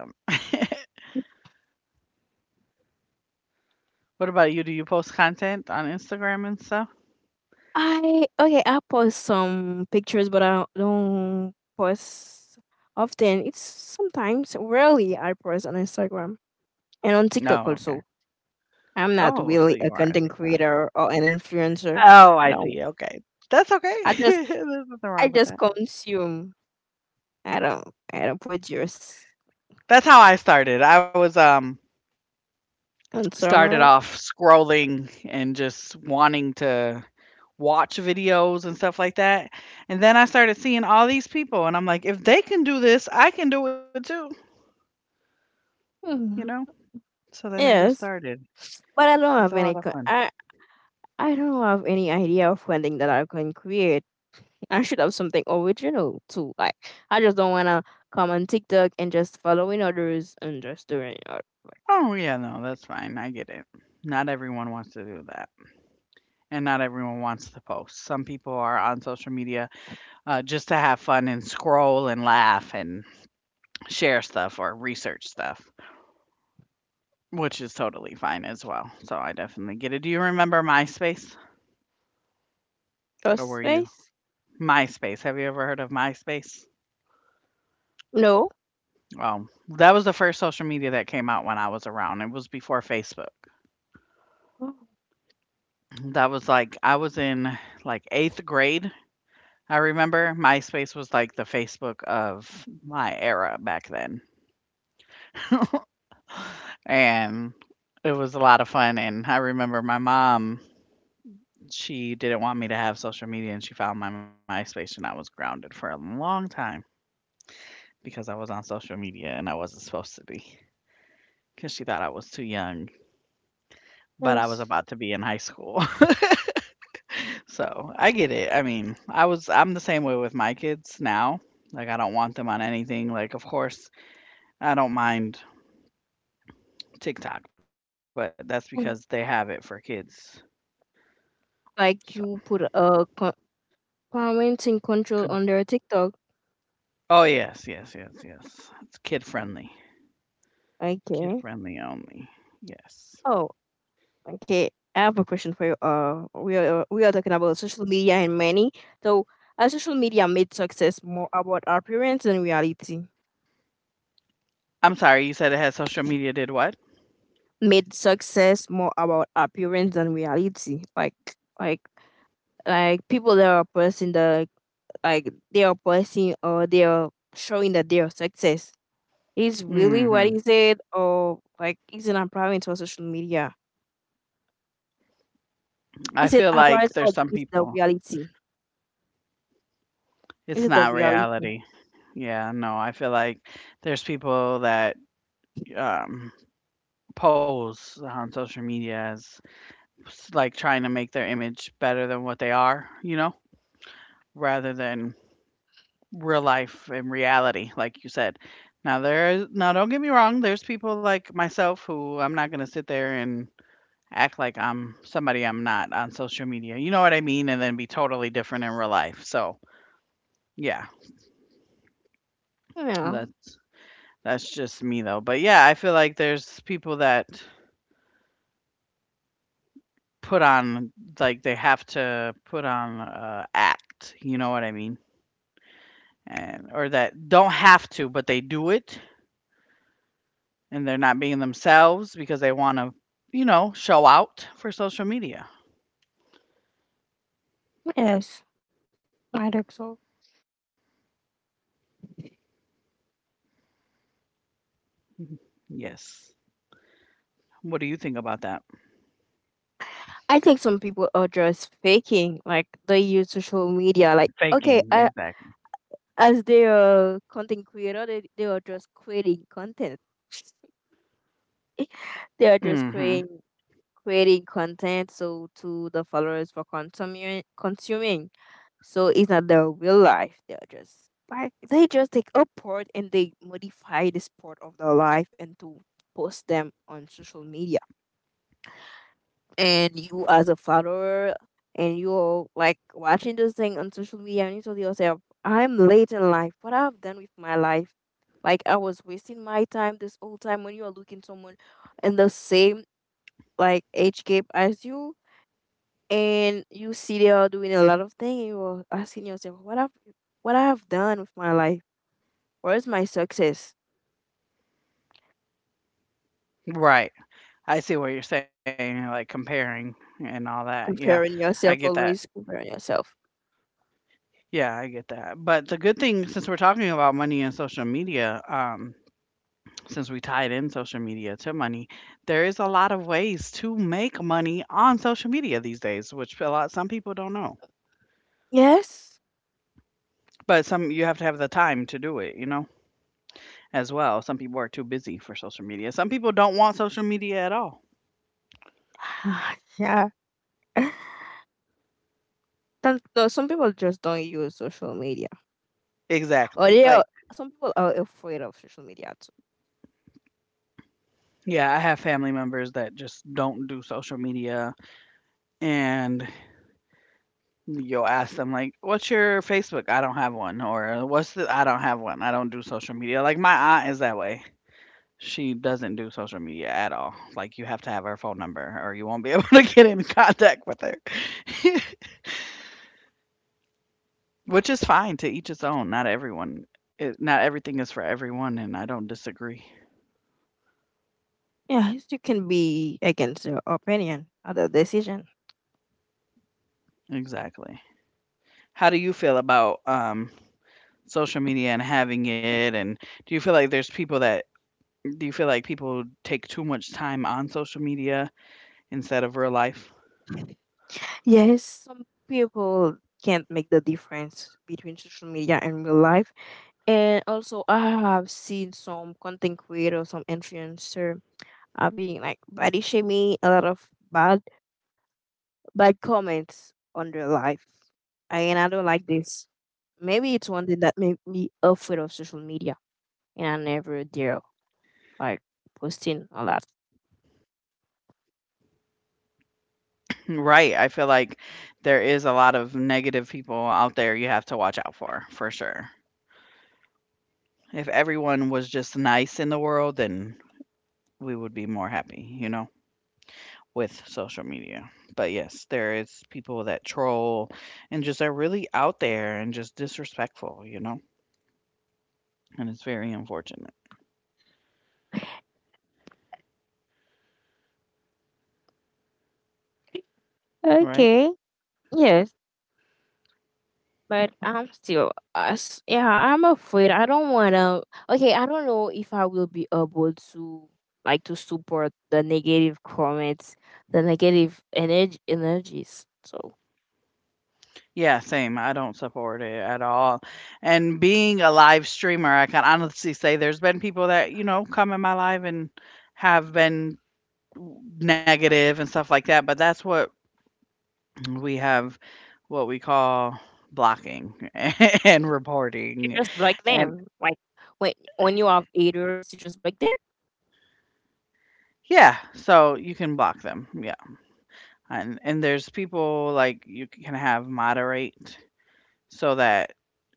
Speaker 1: What about you? Do you post content on Instagram and stuff?
Speaker 2: I okay. I post some pictures, but I don't post often. It's sometimes rarely I post on Instagram and on TikTok
Speaker 1: No, okay.
Speaker 2: also. I'm not
Speaker 1: Oh, so
Speaker 2: really
Speaker 1: you
Speaker 2: a
Speaker 1: are on
Speaker 2: content
Speaker 1: Tik,
Speaker 2: creator or an influencer.
Speaker 1: oh,
Speaker 2: I
Speaker 1: I
Speaker 2: don't.
Speaker 1: see, okay. That's okay.
Speaker 2: I just
Speaker 1: There's nothing
Speaker 2: I
Speaker 1: wrong with
Speaker 2: just
Speaker 1: that.
Speaker 2: consume. I don't I don't produce
Speaker 1: That's how I started. I was, started
Speaker 2: consumer.
Speaker 1: off scrolling and just wanting to watch videos and stuff like that. And then I started seeing all these people, and I'm like, if they can do this, I can do it too, you
Speaker 2: Hmm.
Speaker 1: know? So then I just
Speaker 2: Yes.
Speaker 1: started.
Speaker 2: But I don't
Speaker 1: It's a
Speaker 2: have
Speaker 1: lot
Speaker 2: any
Speaker 1: of fun.
Speaker 2: I don't have any idea of funding that I can create. I should have something original too. Like I just don't wanna come on TikTok and just following others and just doing
Speaker 1: Oh, yeah, no, that's fine. I get it. Not everyone wants to do that. And not everyone wants to post. Some people are on social media just to have fun and scroll and laugh and share stuff or research stuff. Which is totally fine as well, so I definitely get it. Do you remember MySpace? Or
Speaker 2: just
Speaker 1: were you,
Speaker 2: face.
Speaker 1: MySpace, have you ever heard of MySpace?
Speaker 2: No.
Speaker 1: Well, that was the first social media that came out when I was around, it was before Facebook.
Speaker 2: Oh,
Speaker 1: That was, like I was in, like, 8th grade, I remember MySpace was, like, the Facebook of my era back then, and it was a lot of fun, and I remember my mom, she didn't want me to have social media, and she found my MySpace, and I was grounded for a long time, because I was on social media and I wasn't supposed to be because she thought I was too young, but I was
Speaker 2: yes.
Speaker 1: about to be in high school. So I get it. I mean, I was, I'm the same way with my kids now. Like, I don't want them on anything. Like, of course, I don't mind TikTok, but that's because they have it
Speaker 2: Mm.
Speaker 1: for kids. So,
Speaker 2: Like you put a parenting
Speaker 1: good.
Speaker 2: control on their TikTok.
Speaker 1: Oh, yes, yes, yes, yes. It's kid
Speaker 2: Okay.
Speaker 1: friendly only. Yes.
Speaker 2: Oh, okay, I have a question for you. We are talking about social media and money. So, has social media made success more about appearance than reality?
Speaker 1: I'm sorry, you said it had social media did what?
Speaker 2: Made success more about appearance than reality. Like, like people that are posting the like they are posting or they are showing that they are success. Is really what
Speaker 1: Hmm,
Speaker 2: is it or like is it appearance for social media?
Speaker 1: I feel
Speaker 2: Is it
Speaker 1: like there's
Speaker 2: appearance
Speaker 1: some
Speaker 2: or is
Speaker 1: people.
Speaker 2: the reality?
Speaker 1: It's
Speaker 2: Is it the
Speaker 1: not
Speaker 2: reality?
Speaker 1: reality. Yeah, no, I feel like there's people that, um, pose on social media as s like, trying to make their image better than what they are, you know, rather than real life and reality, like you said. Now there's now don't get me wrong, there's people like myself who I'm not gonna sit there and act like I'm somebody I'm not on social media, you know what I mean? And then be totally different in real life, so, yeah,
Speaker 2: Yeah.
Speaker 1: that's That's just me though. But yeah, I feel like there's people that put on like they have to put on act, you know what I mean? And or that don't have to, but they do it and they're not being themselves because they want to, you know, show out for social media.
Speaker 2: Yes, I think so.
Speaker 1: Mhm. Yes. What do you think about that?
Speaker 2: I think some people are just faking, like they use social media. Like,
Speaker 1: Faking,
Speaker 2: okay, I,
Speaker 1: exactly.
Speaker 2: as they are content creator, they are just creating content. They are just
Speaker 1: Mhm.
Speaker 2: creating content so to the followers for consuming. So it's not their real life. They are just like they just take a part and they modify this part of their life and to post them on social media. And you as a follower, and you're like watching this thing on social media, and you tell yourself, I'm late in life, what I've done with my life. Like, I was wasting my time this whole time when you are looking someone in the same like age gap as you, and you see they are doing a lot of things, and you're asking yourself, what I've done with my life? Where's my success?
Speaker 1: Right. I see what you're saying, like comparing and all that. Yeah.
Speaker 2: Comparing
Speaker 1: I get
Speaker 2: yourself,
Speaker 1: that.
Speaker 2: always comparing yourself.
Speaker 1: Yeah, I get that. But the good thing, since we're talking about money and social media, since we tied in social media to money, there is a lot of ways to make money on social media these days, which a lot some people don't know.
Speaker 2: Yes.
Speaker 1: But some you have to have the time to do it, you know, as well. Some people are too busy for social media. Some people don't want social media at all.
Speaker 2: Yeah. Some no, some people just don't use social media, or
Speaker 1: Exactly.
Speaker 2: they are,
Speaker 1: Like,
Speaker 2: some people are afraid of social media too.
Speaker 1: yeah, I have family members that just don't do social media and you'll ask them like, "What's your Facebook?" "I don't have one." Or, "What's the," "I don't have one. I don't do social media." Like, my aunt is that way. She doesn't do social media at all. Like, you have to have her phone number or you won't be able to get in contact with her. Which is fine, to each his own. Not everyone, it, not everything is for everyone and I don't disagree.
Speaker 2: Yes, you can be against your opinion or the decision.
Speaker 1: Exactly. How do you feel about social media and having it and do you feel like there's people that, do you feel like people take too much time on social media instead of real life.
Speaker 2: Yes, some people can't make the difference between social media and real life. And also, I have seen some content creator, some influencer are being like body shaming, a lot of bad comments on their life, and I don't like this. Maybe it's one thing that made me afraid of social media and every they're like posting a lot.
Speaker 1: Right. I feel like there is a lot of negative people out there you have to watch out for sure. If everyone was just nice in the world, then we would be more happy, you know, with social media. But yes, there is people that troll and just are really out there and just disrespectful, you know, and it's very unfortunate, right?
Speaker 2: Okay. Yes, but I'm still us. Yeah, I'm afraid. I don't wanna. Okay, I don't know if I will be able to like to support the negative comments, the negative energy energies. So
Speaker 1: Yeah, same. I don't support it at all. And being a live streamer, I can honestly say there's been people that, you know, come in my live and have been negative and stuff like that, but that's what we have, what we call blocking and
Speaker 2: you
Speaker 1: reporting.
Speaker 2: just block
Speaker 1: And
Speaker 2: them. Like when you have haters, you just block them.
Speaker 1: yeah, so you can block them. Yeah. And there's people like you can have moderate so that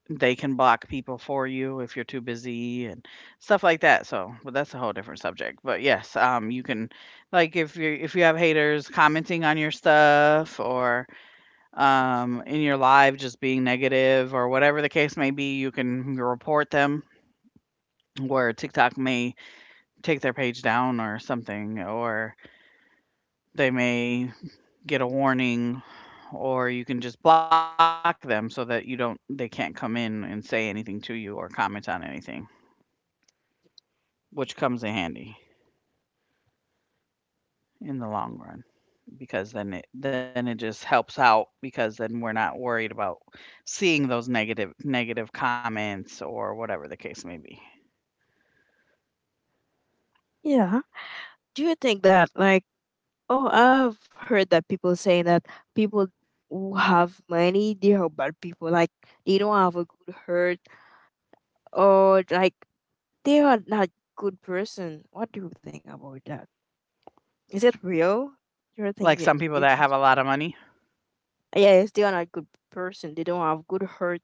Speaker 1: they can block people for you if you're too busy and stuff like that. So, but that's a whole different subject. But yes, you can, like, if you, if you have haters commenting on your stuff or in your live just being negative or whatever the case may be, you can report them. Where TikTok may take their page down or something, or they may get a warning or you can just block them so that you don't, they can't come in and say anything to you or comment on anything. Which comes in handy in the long run because then it, then it just helps out because then we're not worried about seeing those negative comments or whatever the case may be.
Speaker 2: Yeah. Do you think that, like, oh, I've heard that people saying that people who have money, they are bad people. Like, they don't have a good heart, or like they are not good person. What do you think about that? Is it real? You think
Speaker 1: Like
Speaker 2: that
Speaker 1: some people
Speaker 2: it
Speaker 1: that
Speaker 2: is?
Speaker 1: have a lot of money.
Speaker 2: Yes, they are not good person. They don't have good heart.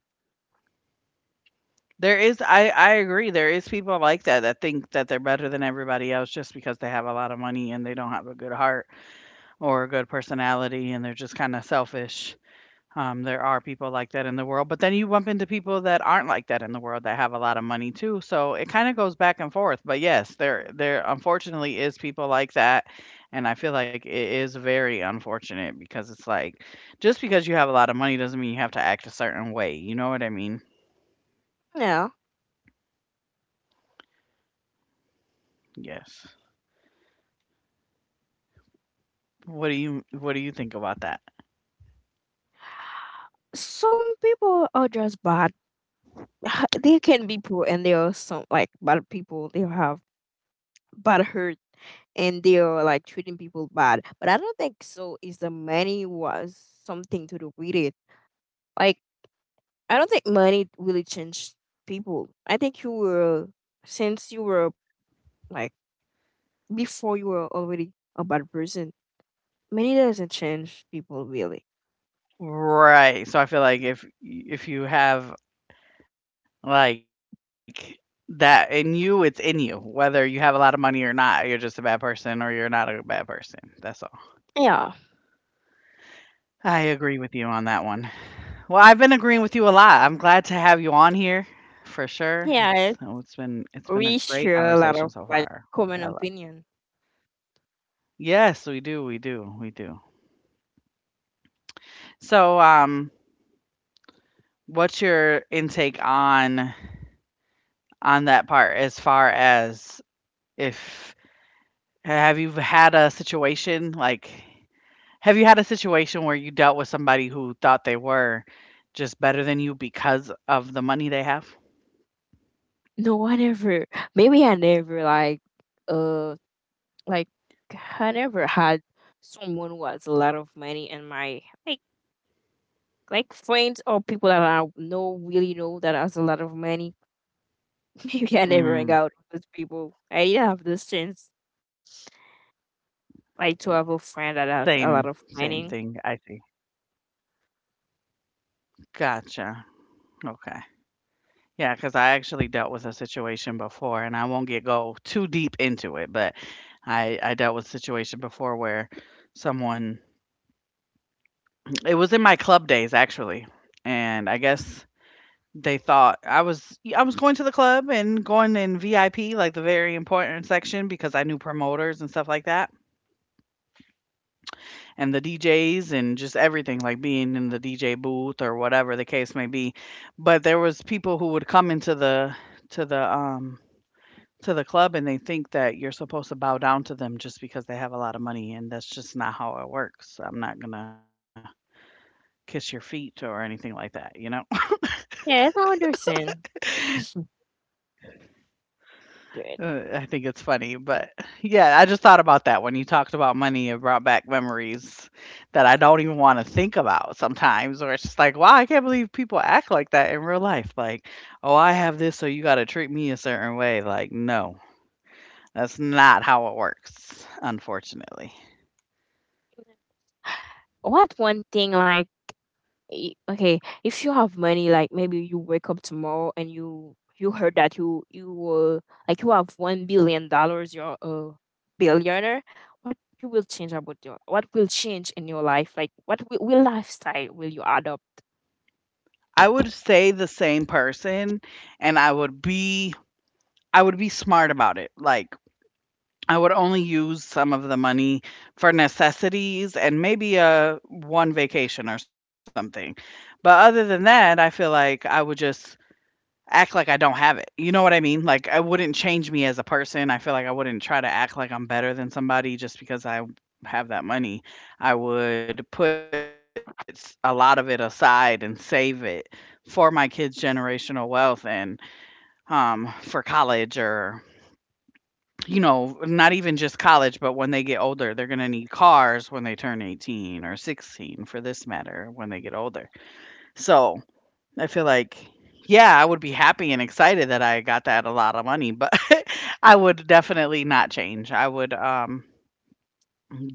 Speaker 1: There is I agree there is people like that that think that they're better than everybody else just because they have a lot of money and they don't have a good heart or a good personality, and they're just kind of selfish. There are people like that in the world, but then you bump into people that aren't like that in the world that have a lot of money too. So it kind of goes back and forth. But yes, there unfortunately is people like that, and I feel like it is very unfortunate because it's like just because you have a lot of money doesn't mean you have to act a certain way. You know what I mean?
Speaker 2: Yeah,
Speaker 1: Yes. What do you think about that?
Speaker 2: some people are just bad. They can be poor, and they are some like bad people. They have bad hurt, and they are like treating people bad. But I don't think so. Is the money was something to do with it? Like I don't think money really changed people. I think you were since you were like before you were already a bad person. Money doesn't change people really.
Speaker 1: Right. So I feel like if you have Like, that in you, it's in you. Whether you have a lot of money or not, you're just a bad person or you're not a bad person. That's all.
Speaker 2: Yeah,
Speaker 1: I agree with you on that one. Well, I've been agreeing with you a lot. I'm glad to have you on here for sure. It's
Speaker 2: yeah,
Speaker 1: it's been a
Speaker 2: we
Speaker 1: great
Speaker 2: share a lot
Speaker 1: conversation
Speaker 2: of
Speaker 1: so
Speaker 2: like
Speaker 1: far, which I
Speaker 2: common
Speaker 1: love.
Speaker 2: opinion.
Speaker 1: Yes, we do. We do. We do. So, what's your intake on that part as far as if have you had a situation like Have you had a situation where you dealt with somebody who thought they were just better than you because of the money they have?
Speaker 2: No, I never. Maybe I never like, uh, like I never had someone who has a lot of money in my like friends or people that I know really know that has a lot of money. Maybe I never hang
Speaker 1: Mm.
Speaker 2: out with those people. I didn't have this chance, like to have a
Speaker 1: same
Speaker 2: friend that has
Speaker 1: same
Speaker 2: a lot
Speaker 1: thing,
Speaker 2: of
Speaker 1: I see.
Speaker 2: money.
Speaker 1: Gotcha, okay. Yeah, because I actually dealt with a situation before, and I won't get go too deep into it, but I dealt with a situation before where someone, it was in my club days, actually, and I guess they thought I was going to the club and going in VIP, like the very important section, because I knew promoters and stuff like that, and the DJs and just everything, like being in the DJ booth or whatever the case may be. But there was people who would come into the to the to the club, and they think that you're supposed to bow down to them just because they have a lot of money, and that's just not how it works. I'm not going to kiss your feet or anything like that, you know?
Speaker 2: Yes, I understand.
Speaker 1: Uh,
Speaker 2: Good.
Speaker 1: I think it's funny, but yeah, I just thought about that when you talked about money. It brought back memories that I don't even want to think about sometimes, or it's just like, wow, I can't believe people act like that in real life. Like, oh, I have this, so you got to treat me a certain way. Like, no, that's not how it works, unfortunately.
Speaker 2: What one thing like okay, if you have money, like maybe you wake up tomorrow and you heard that you will like you have $1 billion, you're a billionaire. What you will change about your what will change in your life? Like what will lifestyle will you adopt?
Speaker 1: I would stay the same person, and I would be. I would be smart about it. Like, I would only use some of the money for necessities and maybe a one vacation or something. But other than that, I feel like I would just act like I don't have it. You know what I mean? Like, I wouldn't change me as a person. I feel like I wouldn't try to act like I'm better than somebody just because I have that money. I would put a lot of it aside and save it for my kids' generational wealth and for college, or you know, not even just college, but when they get older, they're going to need cars when they turn 18 or 16, for this matter, when they get older. So I feel like, yeah, I would be happy and excited that I got that a lot of money, but I would definitely not change. I would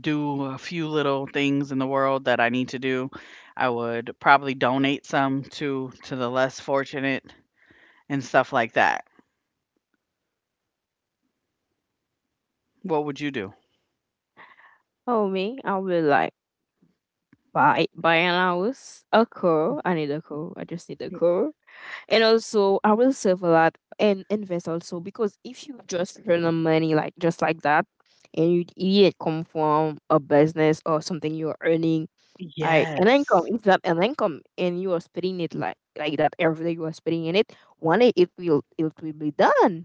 Speaker 1: do a few little things in the world that I need to do. I would probably donate some to the less fortunate and stuff like that. What would you do?
Speaker 2: Oh me, I will like buy an house, a car. I need a car. I just need a car. And also, I will save a lot and invest also, because if you just earn the money like just like that, and you it didn't come from a business or something you're earning like an
Speaker 1: Yes.
Speaker 2: income, if that an income, and you are spending it like that every day you are spending in it, one day it will be done.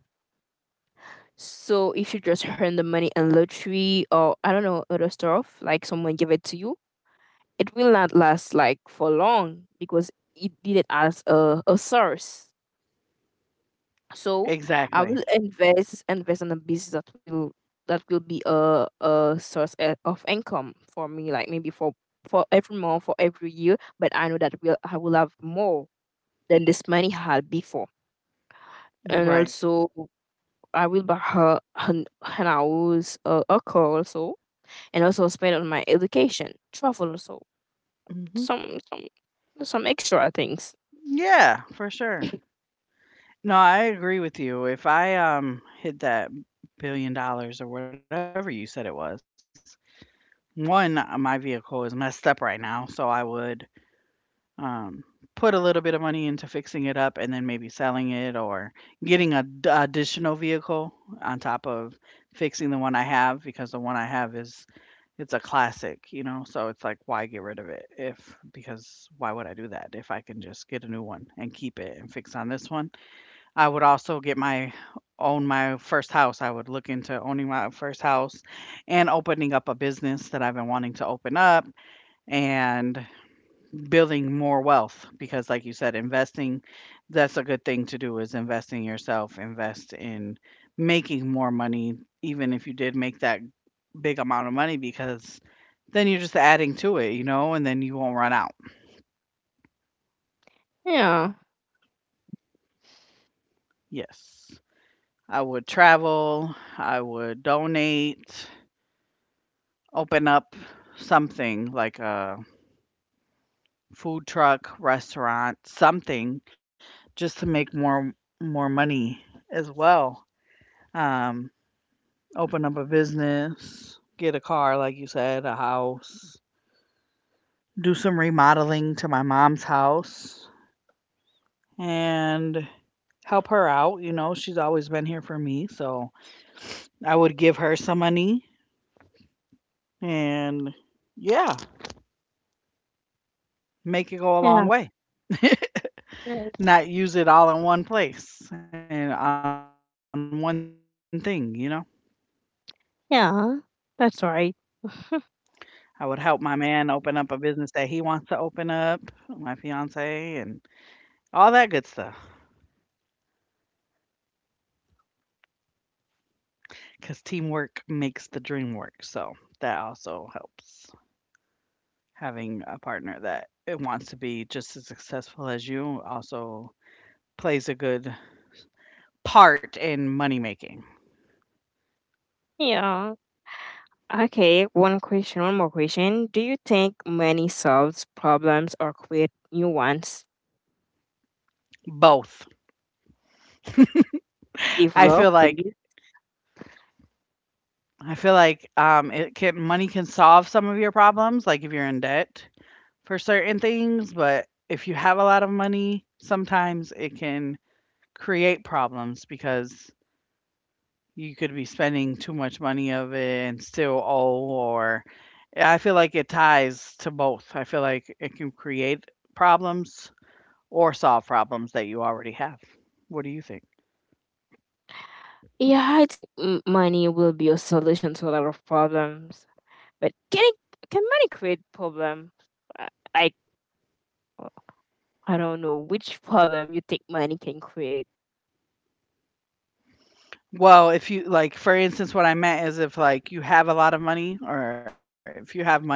Speaker 2: So if you just earn the money in lottery or I don't know other stuff like someone give it to you, it will not last like for long, because it did it as a source. So I
Speaker 1: Exactly.
Speaker 2: will invest invest in a business that will be a source of income for me, like maybe for every month, for every year. But I know that will I will have more than this money had before, and
Speaker 1: Right.
Speaker 2: also I will buy her an house, a car also, and also spend on my education, travel also,
Speaker 1: Mhm.
Speaker 2: some some extra things.
Speaker 1: Yeah, for sure. No, I agree with you. If I, hit that billion dollars or whatever you said it was, one, my vehicle is messed up right now, so I would Um, put a little bit of money into fixing it up and then maybe selling it, or getting a d additional vehicle on top of fixing the one I have, because the one I have is it's a classic, you know, so it's like why get rid of it if because why would I do that if I can just get a new one and keep it and fix on this one? I would also get my own my first house. I would look into owning my first house and opening up a business that I've been wanting to open up, and building more wealth, because like you said, investing, that's a good thing to do, is invest in yourself, invest in making more money, even if you did make that big amount of money, because then you're just adding to it, you know, and then you won't run out.
Speaker 2: Yeah,
Speaker 1: Yes, I would travel, I would donate, open up something like a food truck restaurant, something, just to make more more money as well. um Open up a business, get a car, like you said, a house, do some remodeling to my mom's house, and help her out. You know, she's always been here for me. So I would give her some money and, yeah, make it go a long
Speaker 2: yeah,
Speaker 1: way.
Speaker 2: yes.
Speaker 1: Not use it all in one place and on one thing, you know.
Speaker 2: Yeah, that's right.
Speaker 1: I would help my man open up a business that he wants to open up, my fiance, and all that good stuff, because teamwork makes the dream work. So that also helps. Having a partner that it wants to be just as successful as you also plays a good part in money making.
Speaker 2: Yeah. Okay, one question, one more question. Do you think money solves problems or create new ones?
Speaker 1: Both. I
Speaker 2: Develop,
Speaker 1: feel like
Speaker 2: please.
Speaker 1: I feel like it can money can solve some of your problems, like if you're in debt for certain things. But if you have a lot of money, sometimes it can create problems because you could be spending too much money of it and still owe, or I feel like it ties to both. I feel like it can create problems or solve problems that you already have. What do you think?
Speaker 2: Yeah, I think money will be a solution to a lot of problems. But can it, can money create problems? I, I I don't know which problem you think money can create.
Speaker 1: Well, if you like, for instance, what I meant is if like you have a lot of money, or if you have money, right?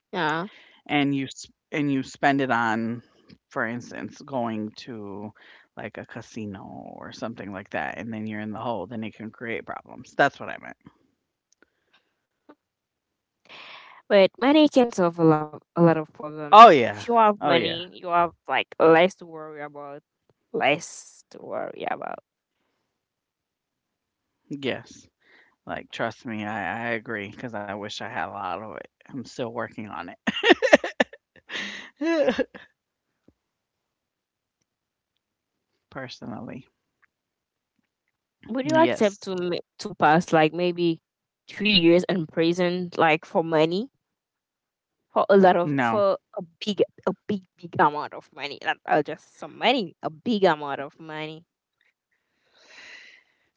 Speaker 2: Yeah,
Speaker 1: And you and you spend it on, for instance, going to like a casino or something like that, and then you're in the hole, then it can create problems. That's what I meant.
Speaker 2: but money can solve a lot of problems.
Speaker 1: Oh yeah.
Speaker 2: If you have
Speaker 1: Oh yeah.
Speaker 2: money, you have like less to worry about. Less to worry about.
Speaker 1: Yes. Like, trust me, I Cause I wish I had a lot of it. I'm still working on it personally.
Speaker 2: Would you accept
Speaker 1: Yes.
Speaker 2: to to pass like maybe 3 years in prison like for money? For a lot of
Speaker 1: No.
Speaker 2: for a big big amount of money, not just some money, a big amount of money.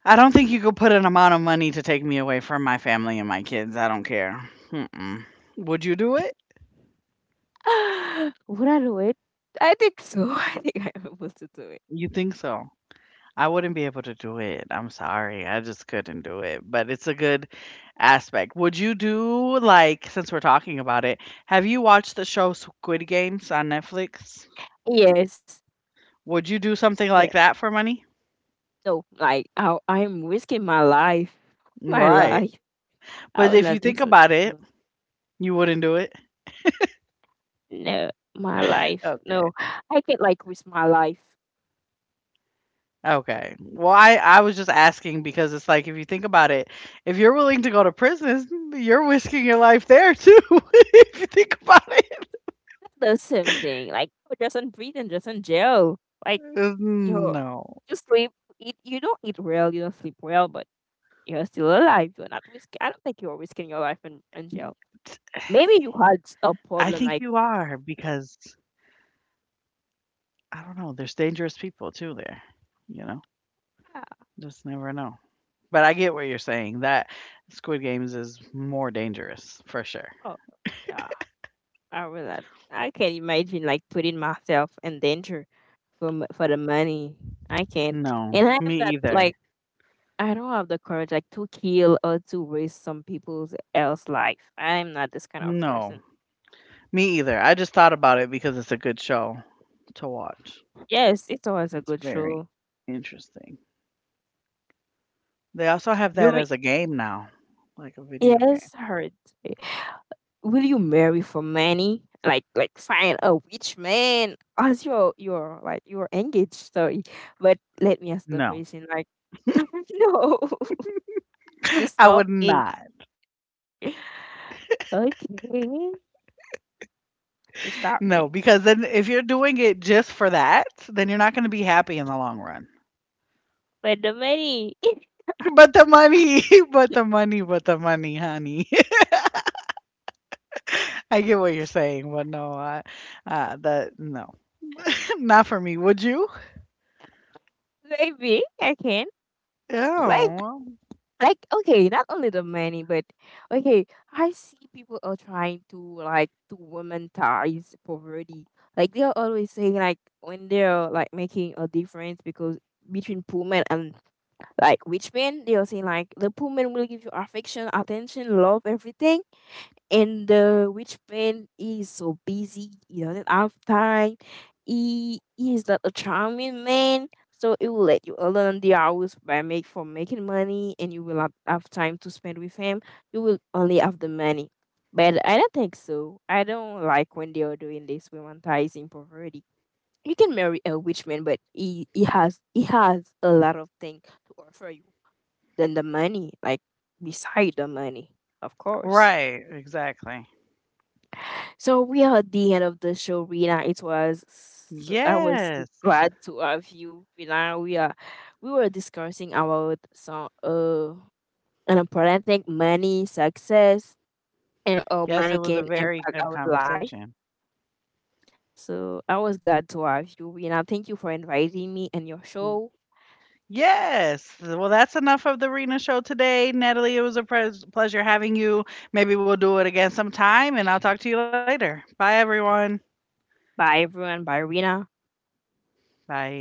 Speaker 1: I don't think you could put an amount of money to take me away from my family and my kids. I don't care. Mm-mm. Would you do it?
Speaker 2: Would I do it? I think so. I think I'm able to do it.
Speaker 1: You think so? I wouldn't be able to do it. I'm sorry. I just couldn't do it. But it's a good aspect. Would you do, like, since we're talking about it, have you watched the show Squid Games on Netflix?
Speaker 2: Yes,
Speaker 1: Would you do something
Speaker 2: yeah.
Speaker 1: like that for money?
Speaker 2: So like I, I'm risking my life, my
Speaker 1: Right.
Speaker 2: life. I
Speaker 1: But
Speaker 2: will
Speaker 1: if you
Speaker 2: not do
Speaker 1: think
Speaker 2: such
Speaker 1: about it,
Speaker 2: thing.
Speaker 1: you wouldn't do it?
Speaker 2: No, my life,
Speaker 1: Okay.
Speaker 2: no. I can't like risk my life.
Speaker 1: Okay. Well, I was just asking because it's like if you think about it, if you're willing to go to prison, you're risking your life there too. If you think about it.
Speaker 2: That's the same thing, like you're just in prison, just in jail, like
Speaker 1: Uh,
Speaker 2: you
Speaker 1: No.
Speaker 2: you sleep, eat, you don't eat well, you don't sleep well, but you're still alive. You're not risking. I don't think you're risking your life in jail. Maybe you had
Speaker 1: I
Speaker 2: a
Speaker 1: think you
Speaker 2: problem like,
Speaker 1: are because I don't know, there's dangerous people too there, you know?
Speaker 2: ah,
Speaker 1: Just never know. But I get what you're saying that Squid Games is more dangerous for sure.
Speaker 2: oh, yeah, I realize. I can't imagine like putting myself in danger for for the money. I can't,
Speaker 1: No,
Speaker 2: and I am
Speaker 1: me
Speaker 2: not
Speaker 1: either.
Speaker 2: like I don't have the courage like to kill or to waste some people's else life. I am not this kind of
Speaker 1: No,
Speaker 2: person.
Speaker 1: me either. I just thought about it because it's a good show to watch.
Speaker 2: Yes, it was a
Speaker 1: It's
Speaker 2: good
Speaker 1: very
Speaker 2: show.
Speaker 1: interesting. They also have that
Speaker 2: Jury,
Speaker 1: as a game now, like a video game.
Speaker 2: yes, hurt. Will you marry for money? Like find a rich man as your like your engaged, sorry. But let me ask the
Speaker 1: No,
Speaker 2: question like no. You
Speaker 1: I
Speaker 2: stop
Speaker 1: would
Speaker 2: me.
Speaker 1: not.
Speaker 2: Okay. You
Speaker 1: No,
Speaker 2: stop
Speaker 1: because
Speaker 2: me.
Speaker 1: then if you're doing it just for that, then you're not going to be happy in the long run.
Speaker 2: But the money.
Speaker 1: But the money, but the money, honey. I get what you're saying, but no, I, that no, not for me. Would you?
Speaker 2: Maybe I can. like,
Speaker 1: Oh, well,
Speaker 2: like okay, not only the money but okay, I see people are trying to like to womanize poverty, like they are always saying like when they're like making a difference because between poor men and like rich men, they are saying like the poor men will give you affection, attention, love, everything, and which man is so busy, he doesn't have time. He is not a charming man, so it will let you alone the hours by make for making money, and you will not have time to spend with him. You will only have the money. But I don't think so. I don't like when they are doing this romanticizing poverty. You can marry a rich man, but he has a lot of things to offer you than the money, like beside the money, of course.
Speaker 1: right, exactly.
Speaker 2: So we are at the end of the show, Rina. It was so, I was so
Speaker 1: Yes.
Speaker 2: glad to have you, Rina. We were discussing about some an important thing, money, success, and how
Speaker 1: Yes, it
Speaker 2: money
Speaker 1: was a
Speaker 2: can
Speaker 1: very
Speaker 2: impact
Speaker 1: good
Speaker 2: our life.
Speaker 1: conversation.
Speaker 2: So I was glad to have you, Rina. Thank you for inviting me and your
Speaker 1: Mm.
Speaker 2: show.
Speaker 1: Yes. Well, that's enough of the Rena show today. Natalie, it was a pres pleasure having you. Maybe we'll do it again sometime, and I'll talk to you later. Bye, everyone.
Speaker 2: Bye everyone. Bye Rina.
Speaker 1: Bye.